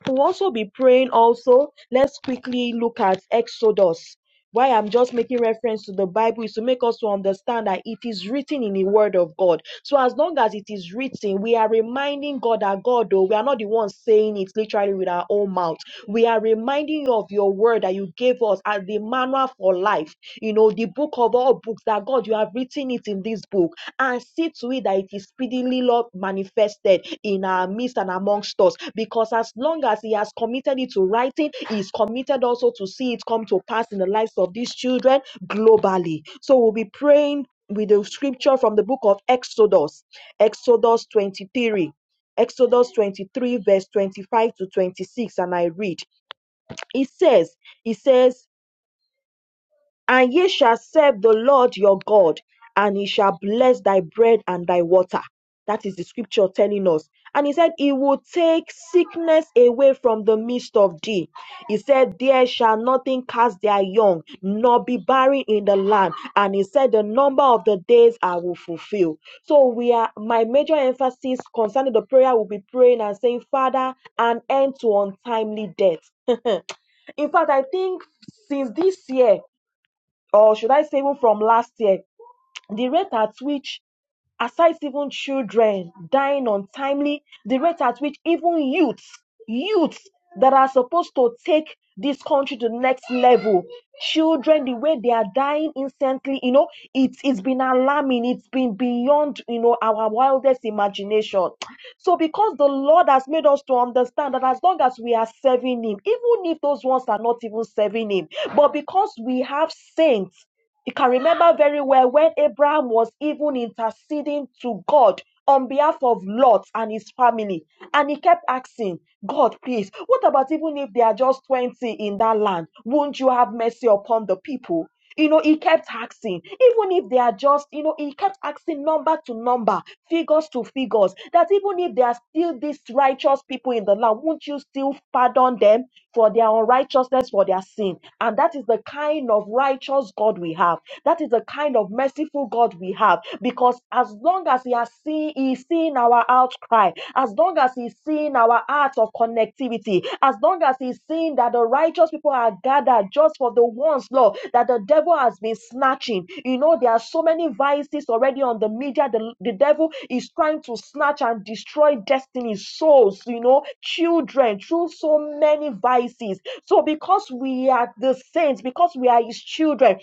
B: We'll also be praying also. Let's quickly look at Exodus. Why I'm just making reference to the Bible is to make us to understand that it is written in the Word of God. So as long as it is written, we are reminding God that God, though we are not the ones saying it literally with our own mouth. We are reminding you of your word that you gave us as the manual for life. You know, the book of all books that God, you have written it in this book and see to it that it is speedily Lord manifested in our midst and amongst us. Because as long as He has committed it to writing, He is committed also to see it come to pass in the lives of these children globally. So we'll be praying with the scripture from the book of Exodus, Exodus 23. Exodus 23, verse 25 to 26, and I read. It says, It says, and ye shall serve the Lord your God, and he shall bless thy bread and thy water. That is the scripture telling us. And he said, He will take sickness away from the midst of thee. He said, There shall nothing cast their young, nor be barren in the land. And he said, The number of the days I will fulfill. So we are my major emphasis concerning the prayer will be praying and saying, Father, an end to untimely death. In fact, I think since this year, or should I say even from last year, the rate at which, aside even children dying untimely, the rate at which even youths, youths that are supposed to take this country to the next level, children, the way they are dying instantly, you know, it's it's been alarming. It's been beyond, you know, our wildest imagination. So because the Lord has made us to understand that as long as we are serving Him, even if those ones are not even serving Him, but because we have saints you can remember very well when Abraham was even interceding to God on behalf of Lot and his family. And he kept asking, God, please, what about even if they are just 20 in that land? Won't you have mercy upon the people? You know, he kept asking, even if they are just, you know, he kept asking number to number, figures to figures, that even if there are still these righteous people in the land, won't you still pardon them for their unrighteousness, for their sin? And that is the kind of righteous God we have. That is the kind of merciful God we have. Because as long as He has seen, He's seen our outcry, as long as He's seen our hearts of connectivity, as long as He's seen that the righteous people are gathered just for the ones, Lord, that the devil has been snatching. You know, there are so many vices already on the media. The, the devil is trying to snatch and destroy destinies, souls, you know, children through so many vices. So, because we are the saints, because we are his children,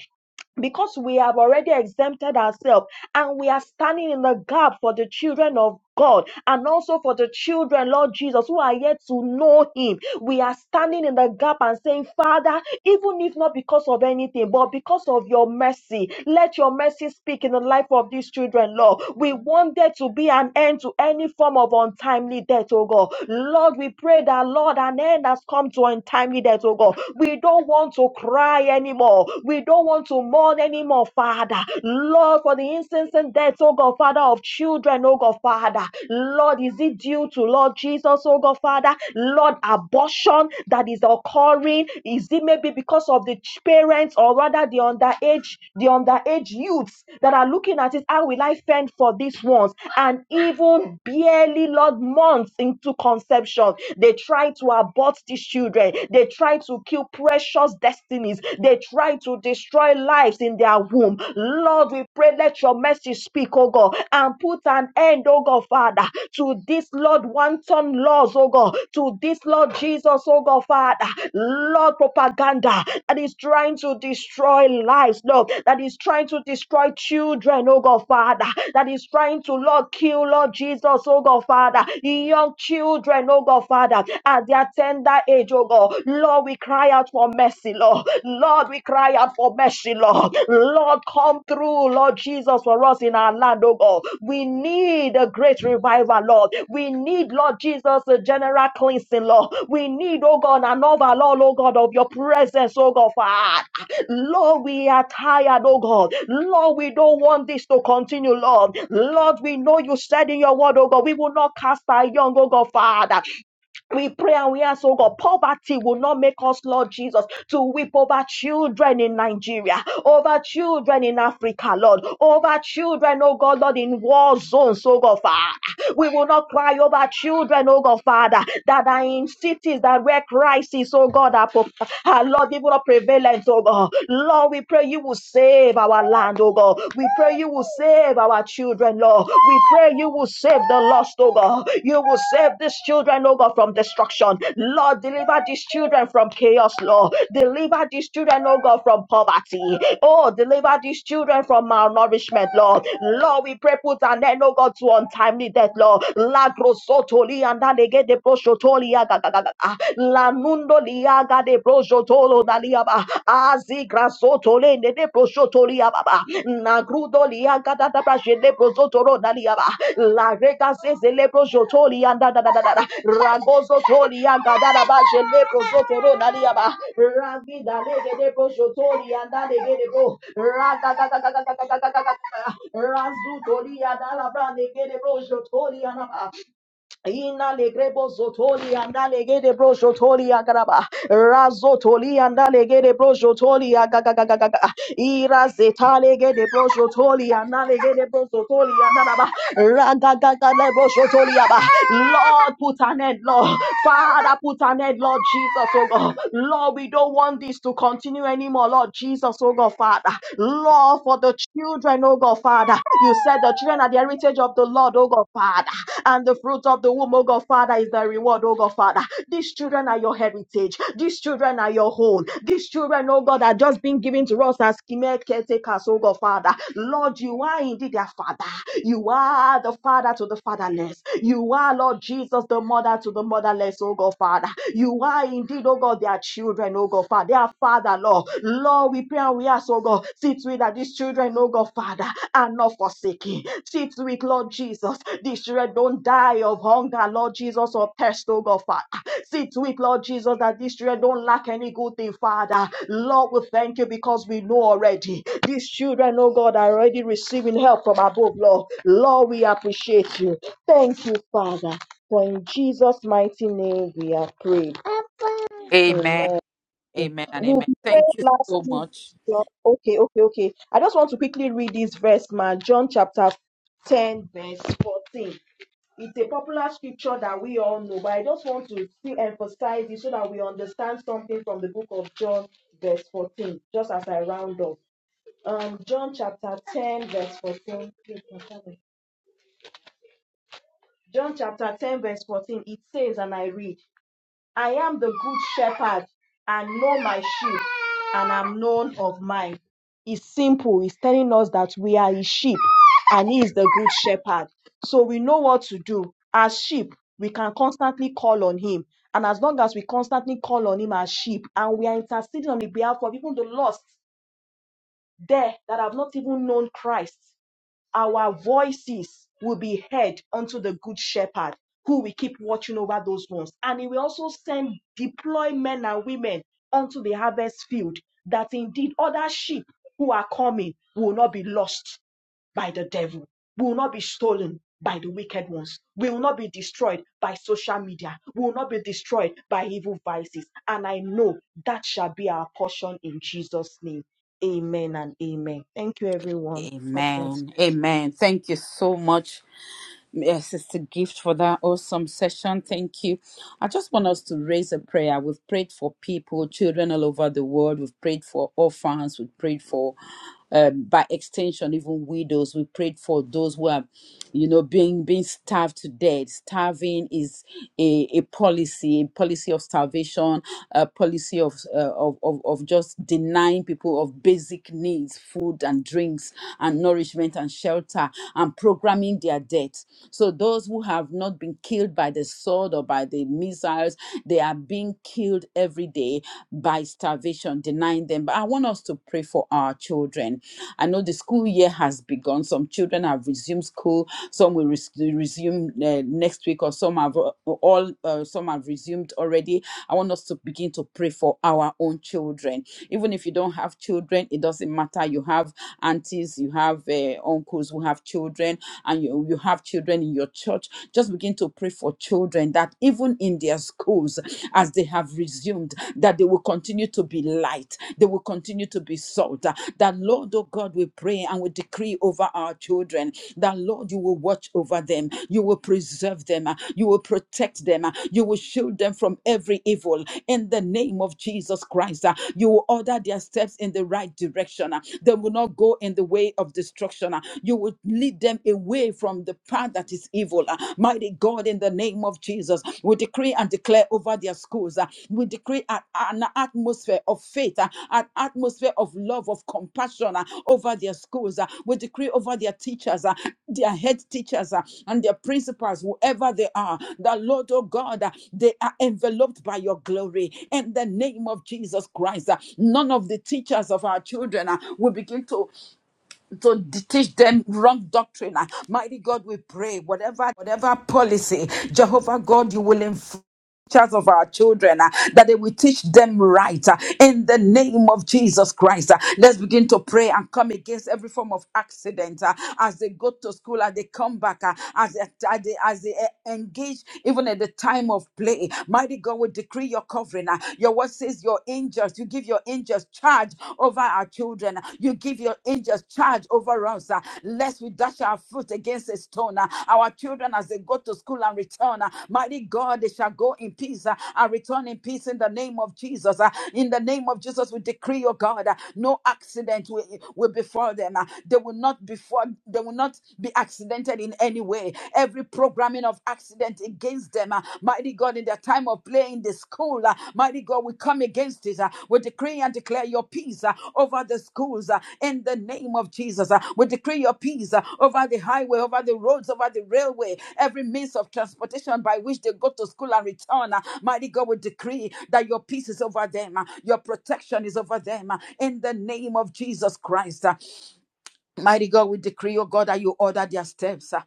B: because we have already exempted ourselves and we are standing in the gap for the children of God and also for the children, Lord Jesus, who are yet to know Him. We are standing in the gap and saying, Father, even if not because of anything, but because of your mercy, let your mercy speak in the life of these children, Lord. We want there to be an end to any form of untimely death, oh God. Lord, we pray that, Lord, an end has come to untimely needed, oh God. We don't want to cry anymore. We don't want to mourn anymore, Father. Lord, for the instance and deaths, oh God, Father, of children, oh God, Father. Lord, is it due to Lord Jesus, oh God, Father? Lord, abortion that is occurring, is it maybe because of the ch- parents or rather the underage, the underage youths that are looking at it? How will I fend for these ones? And even barely, Lord, months into conception. They try to abort these children. They try to kill precious destinies. They try to destroy lives in their womb. Lord, we pray, let your mercy speak, oh God, and put an end, oh God, Father, to this, Lord, one ton laws, oh God, to this, Lord Jesus, oh God, Father, Lord, propaganda that is trying to destroy lives, Lord, that is trying to destroy children, oh God. God Father, that is trying to, Lord, kill, Lord Jesus, oh God Father, young children, oh God Father, at their tender age, oh God. Lord, we cry out for mercy, Lord. Lord, we cry out for mercy, Lord. Lord, come through, Lord Jesus, for us in our land, oh God. We need a great revival, Lord. We need, Lord Jesus, a general cleansing, Lord. We need, oh God, an overall, oh God, of your presence, oh God, Father. Lord, we are tired, oh God. Lord, we don't want this to continue, Lord. Lord, we know you said in your word, oh God, we will not cast our young, oh God, Father. We pray and we ask, oh God, poverty will not make us, Lord Jesus, to weep over children in Nigeria, over children in Africa, Lord, over children, oh God, Lord, in war zones, oh God, Father. We will not cry over children, oh God, Father, that are in cities that where crisis, oh God, are, pro- are Lord, even a prevalent, oh God. Lord, we pray you will save our land, oh God. We pray you will save our children, Lord. We pray you will save the lost, oh God. You will save these children, oh God, from destruction. Lord, deliver these children children from chaos, Lord. Deliver these children, oh God, from poverty. Oh, deliver these children from malnourishment, Lord. Lord, we pray, put an end, oh God, to untimely death, Lord. La grosotoli and alege de proshotoli agagagaga. La nundo liaga de proshotolo daliaba. Azi grasotole ne de proshotoli Nagrudo lia gada da bra jele brozo toro na lia La rega se zele anda da da da da da. Ragozo tori anda da da ba jele na lia Ragi da lege de brozo tori anda lege de bo. Raga ga ga ga ga ga ga ga ga ga ga ga. Razu tori anda la bra lege de anda Ina legrebo zotoli anda legede bro zotoli agaraba. Razotoli anda legede bro zotoli agagagagaga. Ira zeta legede bro zotoli anda legede bro zotoli agaraba. Ragagagale bro zotoli aba. Lord, put an end, Lord. Father, put an end, Lord Jesus, oh God. Lord, we don't want this to continue anymore, Lord Jesus, oh God, Father. Lord, for the children, oh God, Father. You said the children are the heritage of the Lord, oh God, Father, and the fruit of the womb, oh God, Father, is the reward, oh God, Father. These children are your heritage. These children are your own. These children, oh God, are just being given to us as chimeric caretakers, oh God, Father. Lord, you are indeed their Father. You are the Father to the fatherless. You are, Lord Jesus, the mother to the motherless, oh God, Father. You are indeed, oh God, their children, oh God, Father. Their Father, Lord. Lord, we pray and we ask, oh God, see to it that these children, oh God, Father, are not forsaken. See to it, Lord Jesus, these children don't die of hunger, Lord Jesus, or thirst, oh God, Father. See to it, Lord Jesus, that these children don't lack any good thing, Father. Lord, we thank you because we know already. These children, oh God, are already receiving help from above, Lord. Lord, we appreciate you. Thank you, Father. For in Jesus' mighty name we are prayed.
A: Amen.
B: Amen.
A: Amen and
B: We'll
A: amen.
B: be praying
A: Thank you
B: last
A: so
B: week.
A: much.
B: John. Okay, okay, okay. I just want to quickly read this verse, man. John chapter 10, verse 14. It's a popular scripture that we all know, but I just want to still emphasize it so that we understand something from the book of John, verse 14, just as I round up. Um, John chapter 10, verse 14. John chapter 10, verse 14, it says, and I read. I am the good shepherd and know my sheep and am known of mine. It's simple. It's telling us that we are his sheep and he is the good shepherd. So we know what to do. As sheep, we can constantly call on him. And as long as we constantly call on him as sheep and we are interceding on the behalf of even the lost there that have not even known Christ, our voices will be heard unto the good shepherd who will keep watching over those ones. And he will also send deploy men and women unto the harvest field that indeed other sheep who are coming will not be lost by the devil, will not be stolen by the wicked ones, will not be destroyed by social media, will not be destroyed by evil vices. And I know that shall be our portion in Jesus' name. Amen and amen. Thank you, everyone. God bless.
A: Amen. Amen. Thank you so much, uh, Sister Gift, for that awesome session. Thank you. I just want us to raise a prayer. We've prayed for people, children all over the world. We've prayed for orphans. We've prayed for, um, by extension, even widows. We prayed for those who are, you know, being being starved to death. Starving is a, a policy, policy of starvation, uh, policy of, uh, of, of, of just denying people of basic needs, food and drinks and nourishment and shelter and programming their death. So those who have not been killed by the sword or by the missiles, they are being killed every day by starvation, denying them. But I want us to pray for our children. I know the school year has begun. Some children have resumed school. Some will res- resume uh, next week, or some have uh, all uh, some have resumed already. I want us to begin to pray for our own children. Even if you don't have children, it doesn't matter. You have aunties, you have uh, uncles who have children, and you, you have children in your church. Just begin to pray for children that even in their schools, as they have resumed, that they will continue to be light, they will continue to be salt. That Lord, oh God, we pray and we decree over our children. That Lord, Lord, you will watch over them. You will preserve them. uh, You will protect them. uh, You will shield them from every evil. In the name of Jesus Christ, uh, you will order their steps in the right direction. uh, They will not go in the way of destruction. uh, You will lead them away from the path that is evil. uh, Mighty God, in the name of Jesus, we decree and declare over their school miracles. ah. We decree an, atmosphere of faith, ah, an atmosphere of love, of compassion ah, over their schools. ah. We decree over their teachers, ah, their head teachers, ah, and their principals, whoever they are. The Lord, oh God, ah, they are enveloped by your glory. In the name of Jesus Christ, ah, none of the teachers of our children ah, will begin to to d- teach them wrong doctrine. Uh, Mighty God, we pray whatever whatever policy, Jehovah God, you will influence of our children uh, that they will teach them right uh, in the name of Jesus Christ. Uh, let's begin to pray and come against every form of accident uh, as they go to school as they come back uh, as, they, as they as they uh, engage even at the time of play. Mighty God, we decree your covering. uh, your word says your angels, you give your angels charge over our children. ah. You give your angels charge over us, uh, lest we dash our foot against a stone. uh, Our children, as they go to school and return, uh, mighty God, they shall go in peace uh, and return in peace in the name of Jesus. uh, In the name of Jesus, we decree, oh God, uh, no accident will, will befall them. uh, They will not before they will not be accidented in any way. Every programming of accident against them, uh, mighty God, God, in their time of play in the school. uh, Mighty God, we come against it. uh, We decree and declare your peace uh, over the schools uh, in the name of Jesus. uh, We decree your peace uh, over the highway, over the roads, over the railway, every means of transportation by which they go to school and return. uh, Mighty God, we decree that your peace is over them, uh, your protection is over them uh, in the name of Jesus Christ. uh, Mighty God, we decree, oh God, that you order their steps. ah.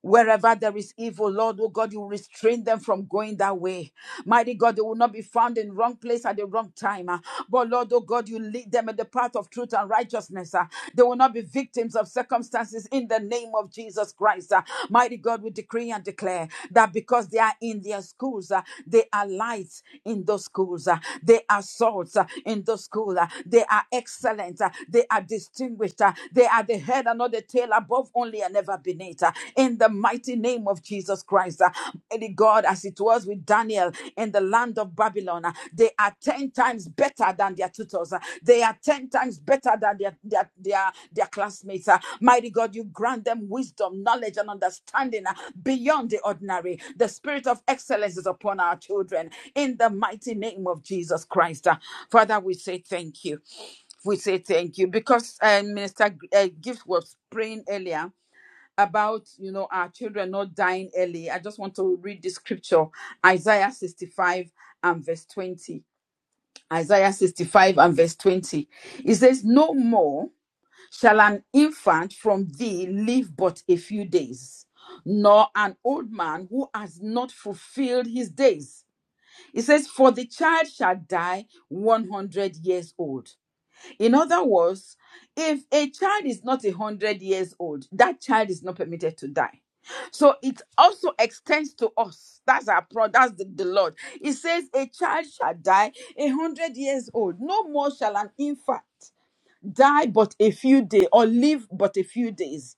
A: Wherever there is evil, Lord, oh God, you restrain them from going that way. Mighty God, they will not be found in wrong place at the wrong time. ah. But Lord, oh God, you lead them in the path of truth and righteousness. ah. They will not be victims of circumstances in the name of Jesus Christ. ah. Mighty God, we decree and declare that because because they are in their schools. uh, They are lights in those schools. uh, They are salts uh, in those schools. uh, They are excellent. uh, They are distinguished. uh, They are the head and not the tail, above only and never beneath. uh, In the mighty name of Jesus Christ, uh, Mighty God, as it was with Daniel in the land of Babylon, uh, they are 10 times better than their tutors. uh, They are 10 times better than their, their, their, their classmates. uh. Mighty God, you grant them wisdom, knowledge, and understanding uh, beyond the ordinary. The spirit of excellence is upon our children in the mighty name of Jesus Christ. uh. Father, we say thank you. We say thank you because uh, Minister G- uh, Gift was praying earlier about you know our children not dying early. I just want to read the scripture Isaiah 65 and verse 20 Isaiah 65 and verse 20. It says, No more shall an infant from thee live but a few days, nor an old man who has not fulfilled his days. It says, For the child shall die 100 years old. In other words, if a child is not a hundred years old, that child is not permitted to die. So it also extends to us. That's our pro. That's the, the Lord. It says, "A child shall die a hundred years old. No more shall an infant die, but a few days, or live but a few days."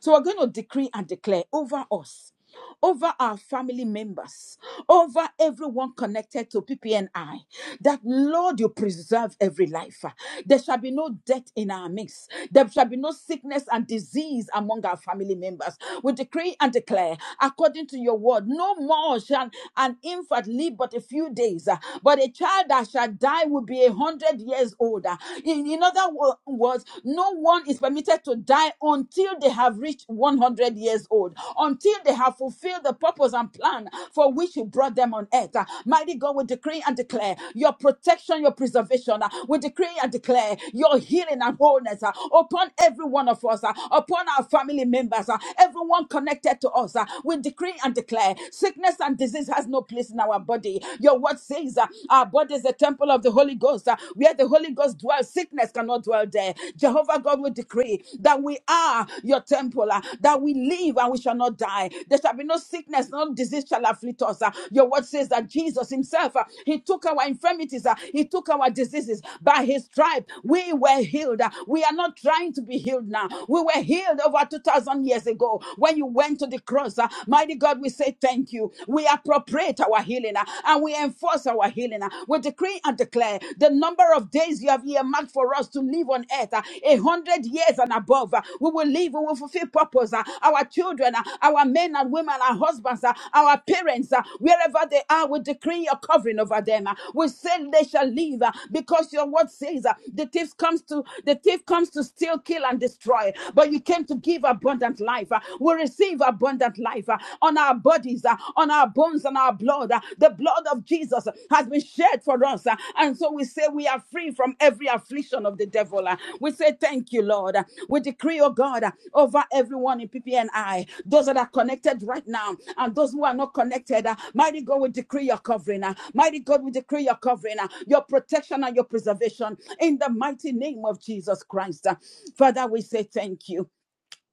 A: So we're going to decree and declare over us over our family members, over everyone connected to PPNI, that Lord, you preserve every life. There shall be no death in our midst. There shall be no sickness and disease among our family members. We decree and declare, according to your word, no more shall an infant live but a few days, uh, but a child that shall die will be a hundred years older. In, in other words, no one is permitted to die on until they have reached 100 years old, until they have fulfilled the purpose and plan for which you brought them on earth. Uh, Mighty God, we decree and declare your protection, your preservation. Uh, We decree and declare your healing and wholeness uh, upon every one of us, uh, upon our family members, uh, everyone connected to us. uh, We decree and declare sickness and disease has no place in our body. Your word says uh, our body is the temple of the Holy Ghost, uh, where the Holy Ghost dwells dwell, sickness cannot dwell there. Jehovah God will decree that we are your temple, uh, that we live and we shall not die. There shall be no sickness, no disease shall afflict us. uh. Your word says that Jesus Himself, uh, He took our infirmities, uh, He took our diseases. By His stripe, we were healed. uh. We are not trying to be healed now. We were healed over 2,000 years ago when you went to the cross. uh. Mighty God, we say thank you. We appropriate our healing uh, and we enforce towards our healing. uh, We decree and declare the number of days you have earmarked for us to live on earth, uh, a hundred years and above. uh, We will live, we will fulfill purpose. uh, Our children, uh, our men and women, our husbands, uh, our parents, uh, wherever they are, we decree your covering over them. uh, We say they shall live uh, because your word says uh, the thief comes to the thief comes to steal, kill, and destroy. But you came to give abundant life. uh, We receive abundant life. uh, on our bodies, uh, on our bones, and our blood. uh, The blood of Jesus uh, has been shed for us. uh, And so we say we are free from every affliction of the devil. uh. We say thank you, Lord. Uh, We decree, oh God, uh, over everyone in PPNI, those that are connected right now and those who are not connected. uh, Mighty God, we decree your covering. uh, Mighty God, we decree your covering, uh, your protection and your preservation in the mighty name of Jesus Christ. uh. Father, we say thank you.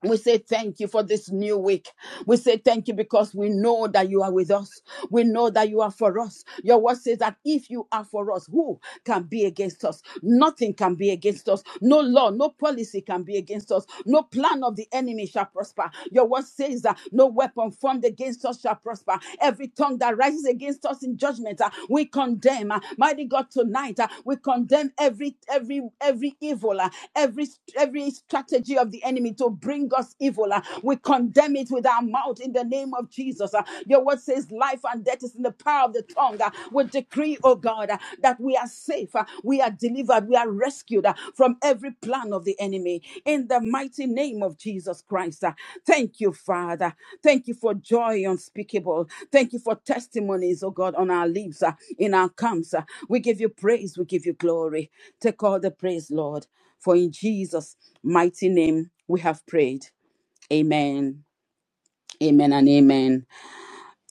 A: We say thank you for this new week. We say thank you because we know that you are with us. We know that you are for us. Your word says that if you are for us, who can be against us? Nothing can be against us. No law, no policy can be against us. No plan of the enemy shall prosper. Your word says that no weapon formed against us shall prosper. Every tongue tongue that rises against us in judgment, uh, we condemn. uh, Mighty God, tonight uh, we condemn every every every evil, uh, every every strategy of the enemy to bring us evil. uh, We condemn it with our mouth in the name of Jesus. uh, Your word says, "Life and death is in the power of the tongue." uh, We decree, oh God, uh, that we are safe, uh, we are delivered delivered, we are rescued uh, from every plan of the enemy in the mighty name of Jesus Christ. uh. Thank you, Father. Thank you for joy unspeakable. Thank you for testimonies, oh God, on our lips, uh, in our camps. uh. We give you praise, we give you glory. Take all the praise, Lord, for in Jesus' mighty name we have prayed. Amen. Amen and amen.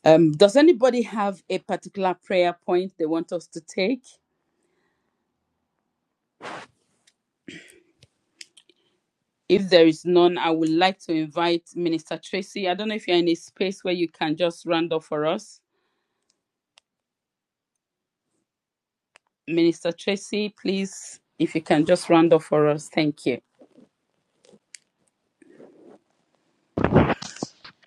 A: Um, does anybody have a particular prayer point they want us to take? If there is none, I would like to invite Minister Tracy. I don't know if you're in a space where you can just round up for us. Minister Tracy, please, if you can just round up for us. Thank you.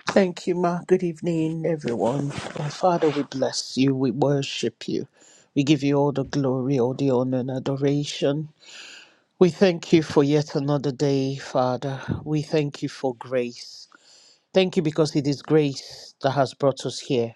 C: Thank you, Ma. Good evening, everyone. Oh, Father, we bless you. We worship you. We give you all the glory, all the honor, and adoration. We thank you for yet another day, Father. We thank you for grace. Thank you because it is grace that has brought us here.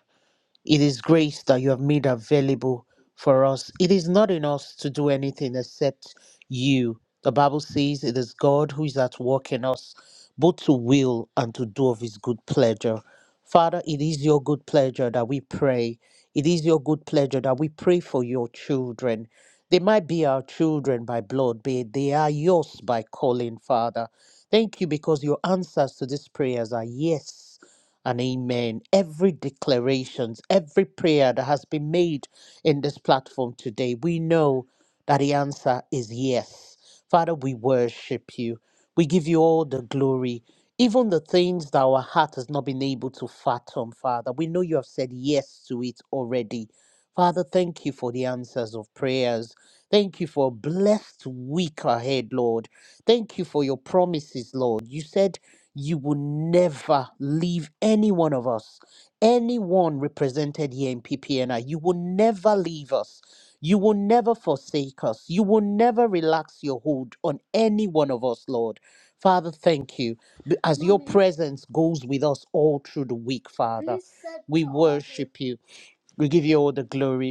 C: It is grace that you have made available for us. It is not in us to do anything except you. The Bible says it is God who is at work in us, both to will and to do of his good pleasure. Father, it is your good pleasure that we pray. It is your good pleasure that we pray for your children. They might be our children by blood, but they are yours by calling, Father. Thank you because your answers to these prayers are yes and amen. Every declarations, every prayer that has been made in this platform today, we know that the answer is yes. Father, we worship you. We give you all the glory, even the things that our heart has not been able to fathom, Father. We know you have said yes to it already. Father, thank you for the answers of prayers. Thank you for a blessed week ahead, Lord. Thank you for your promises, Lord. You said you will never leave any one of us, anyone represented here in PPNI. You will never leave us. You will never forsake us. You will never relax your hold on any one of us, Lord. Father, thank you. B- As your Mommy. presence goes with us all through the week, Father, we worship you. We give you all the glory.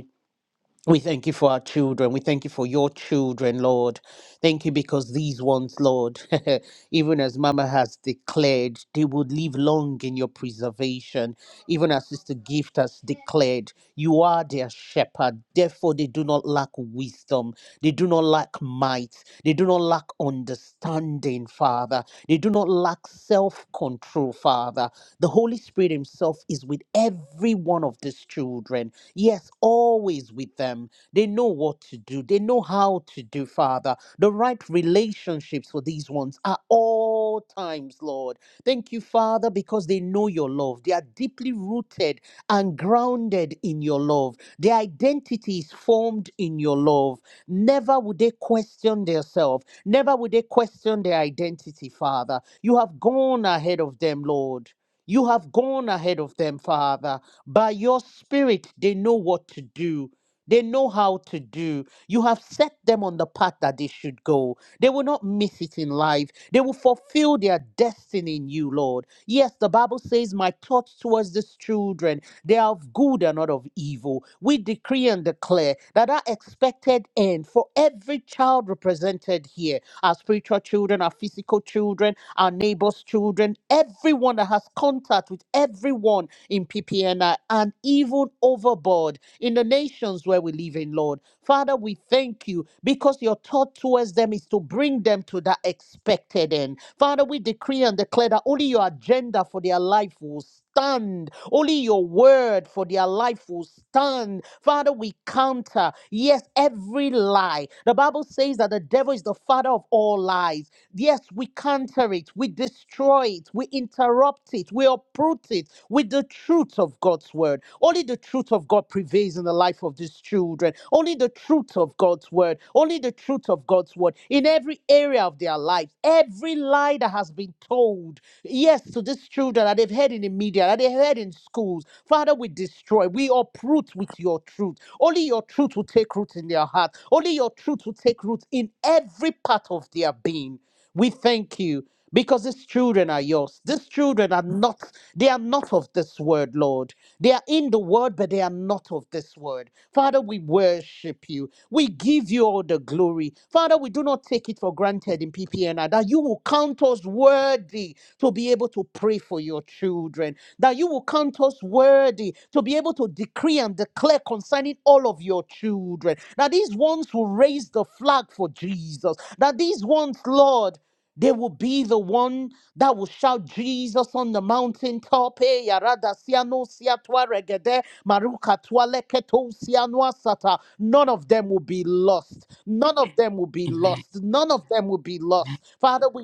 C: We thank you for our children. We thank you for your children, Lord. Thank you because these ones, Lord, even as Mama has declared, they would live long in your preservation. Even as Sister Gift has declared, you are their shepherd. Therefore, they do not lack wisdom. They do not lack might. They do not lack understanding, Father. They do not lack self control, Father. The Holy Spirit Himself is with every one of these children. Yes, always with them. They know what to do, they know how to do, Father. The right relationships for these ones are all times, Lord. Thank you, Father, because they know your love. They are deeply rooted and grounded in your love. Their identity is formed in your love. Never would they question themselves. Never would they question their identity, Father. You have gone ahead of them, Lord. You have gone ahead of them, Father. By your spirit, they know what to do. They know how to do. You have set them on the path that they should go. They will not miss it in life. They will fulfill their destiny in you, Lord. Yes, the Bible says, My thoughts towards these children, they are of good and not of evil. We decree and declare that our expected end for every child represented here, our spiritual children, our physical children, our neighbors' children, everyone that has contact with everyone in PPNI and even overboard in the nations where we live in, Lord. Father, we thank you because your thought towards them is to bring them to that expected end. Father, we decree and declare that only your agenda for their life will stand. Only your word for their life will stand. Father, we counter, yes, every lie. The Bible says that the devil is the father of all lies. Yes, we counter it, we destroy it, we interrupt it, we uproot it with the truth of God's word. Only the truth of God prevails in the life of these children. Only the truth of God's word. Only the truth of God's word in every area of their lives. Every lie that has been told, yes, to these children that they've heard in the media, that they heard in schools. Father, we destroy, we uproot with your truth. Only your truth will take root in their heart. Only your truth will take root in every part of their being. We thank you because these children are yours. These children are not, they are not of this world, Lord. They are in the world, but they are not of this world. Father, we worship you. We give you all the glory. Father, we do not take it for granted in PPNR that you will count us worthy to be able to pray for your children, that you will count us worthy to be able to decree and declare concerning all of your children, that these ones will raise the flag for Jesus, that these ones, Lord, they will be the one that will shout Jesus on the mountaintop. Eh, yarada siano siatwa regede, maruka tualeketo sianoa sata. None of them will be lost. None of them will be
A: Amen.
C: lost. None of them will be lost. Father, we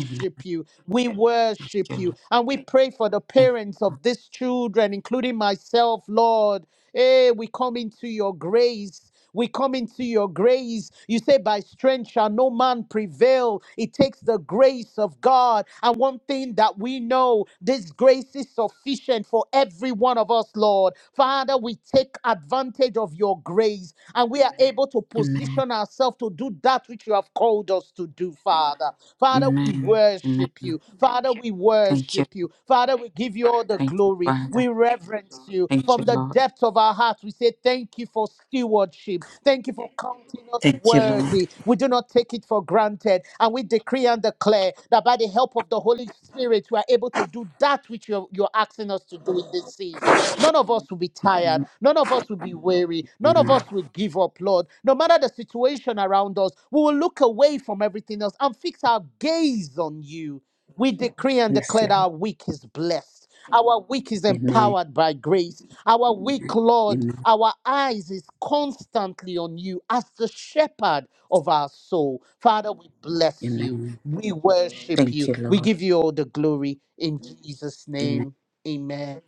A: Amen.
C: you. We worship you. And we pray for the
A: Thank
C: parents of these children, including myself, Lord. Hey, we come into your grace. We come into your grace. You say, By strength shall no man prevail. It takes the grace of God. And one thing that we know, this grace is sufficient for every one of us, Lord. Father, we take advantage of your grace and we are able to
A: you.
C: position ourselves to do that which you have called us to do, Father. Father, we
A: Amen. Amen.
C: worship you. Father, we
A: Thank you.
C: worship you. Father, we give you all the
A: Thank you,
C: glory.
A: Father.
C: We reverence you.
A: Thank you,
C: From the
A: Lord.
C: depths of our hearts, we say thank you for stewardship. Thank you for counting us
A: Thank you, Lord.
C: worthy. We do not take it for granted. And we decree and declare prayer, that by the help of the Holy Spirit, we are able to do that which you're, you're asking us to do in this season. None of us will be tired.
A: Amen.
C: None of us will be weary. None of us will give up, Lord. No matter the situation around us, we will look away from everything else and fix our gaze on you. We decree and
A: Yes,
C: declare that
A: Lord.
C: our week is blessed. Our week is
A: Amen.
C: empowered by grace. Our week, Lord,
A: Amen.
C: our eyes is constantly on you as the shepherd of our soul. Father, we bless you.
A: Amen.
C: We worship
A: Thank
C: you.
A: you,
C: We
A: Lord.
C: give you all the glory in Jesus'
A: Amen.
C: name. Amen.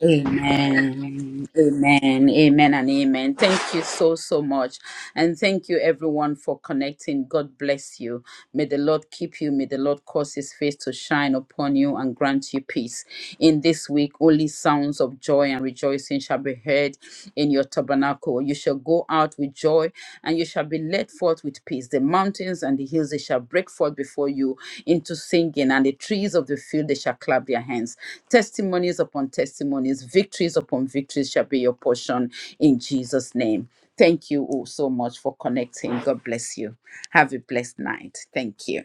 A: Amen. Amen. Amen and amen. Thank you so, so much. And thank you everyone for connecting. God bless you. May the Lord keep you. May the Lord cause his face to shine upon you and grant you peace. In this week, only sounds of joy and rejoicing shall be heard in your tabernacle. You shall go out with joy and you shall be led forth with peace. The mountains and the hills, they shall break forth before you into singing, and the trees of the field they shall clap their hands. Testimonies upon testimonies, victories upon victories shall be your portion in Jesus' name. Thank you all so much for connecting. God bless you. Have a blessed night. Thank you.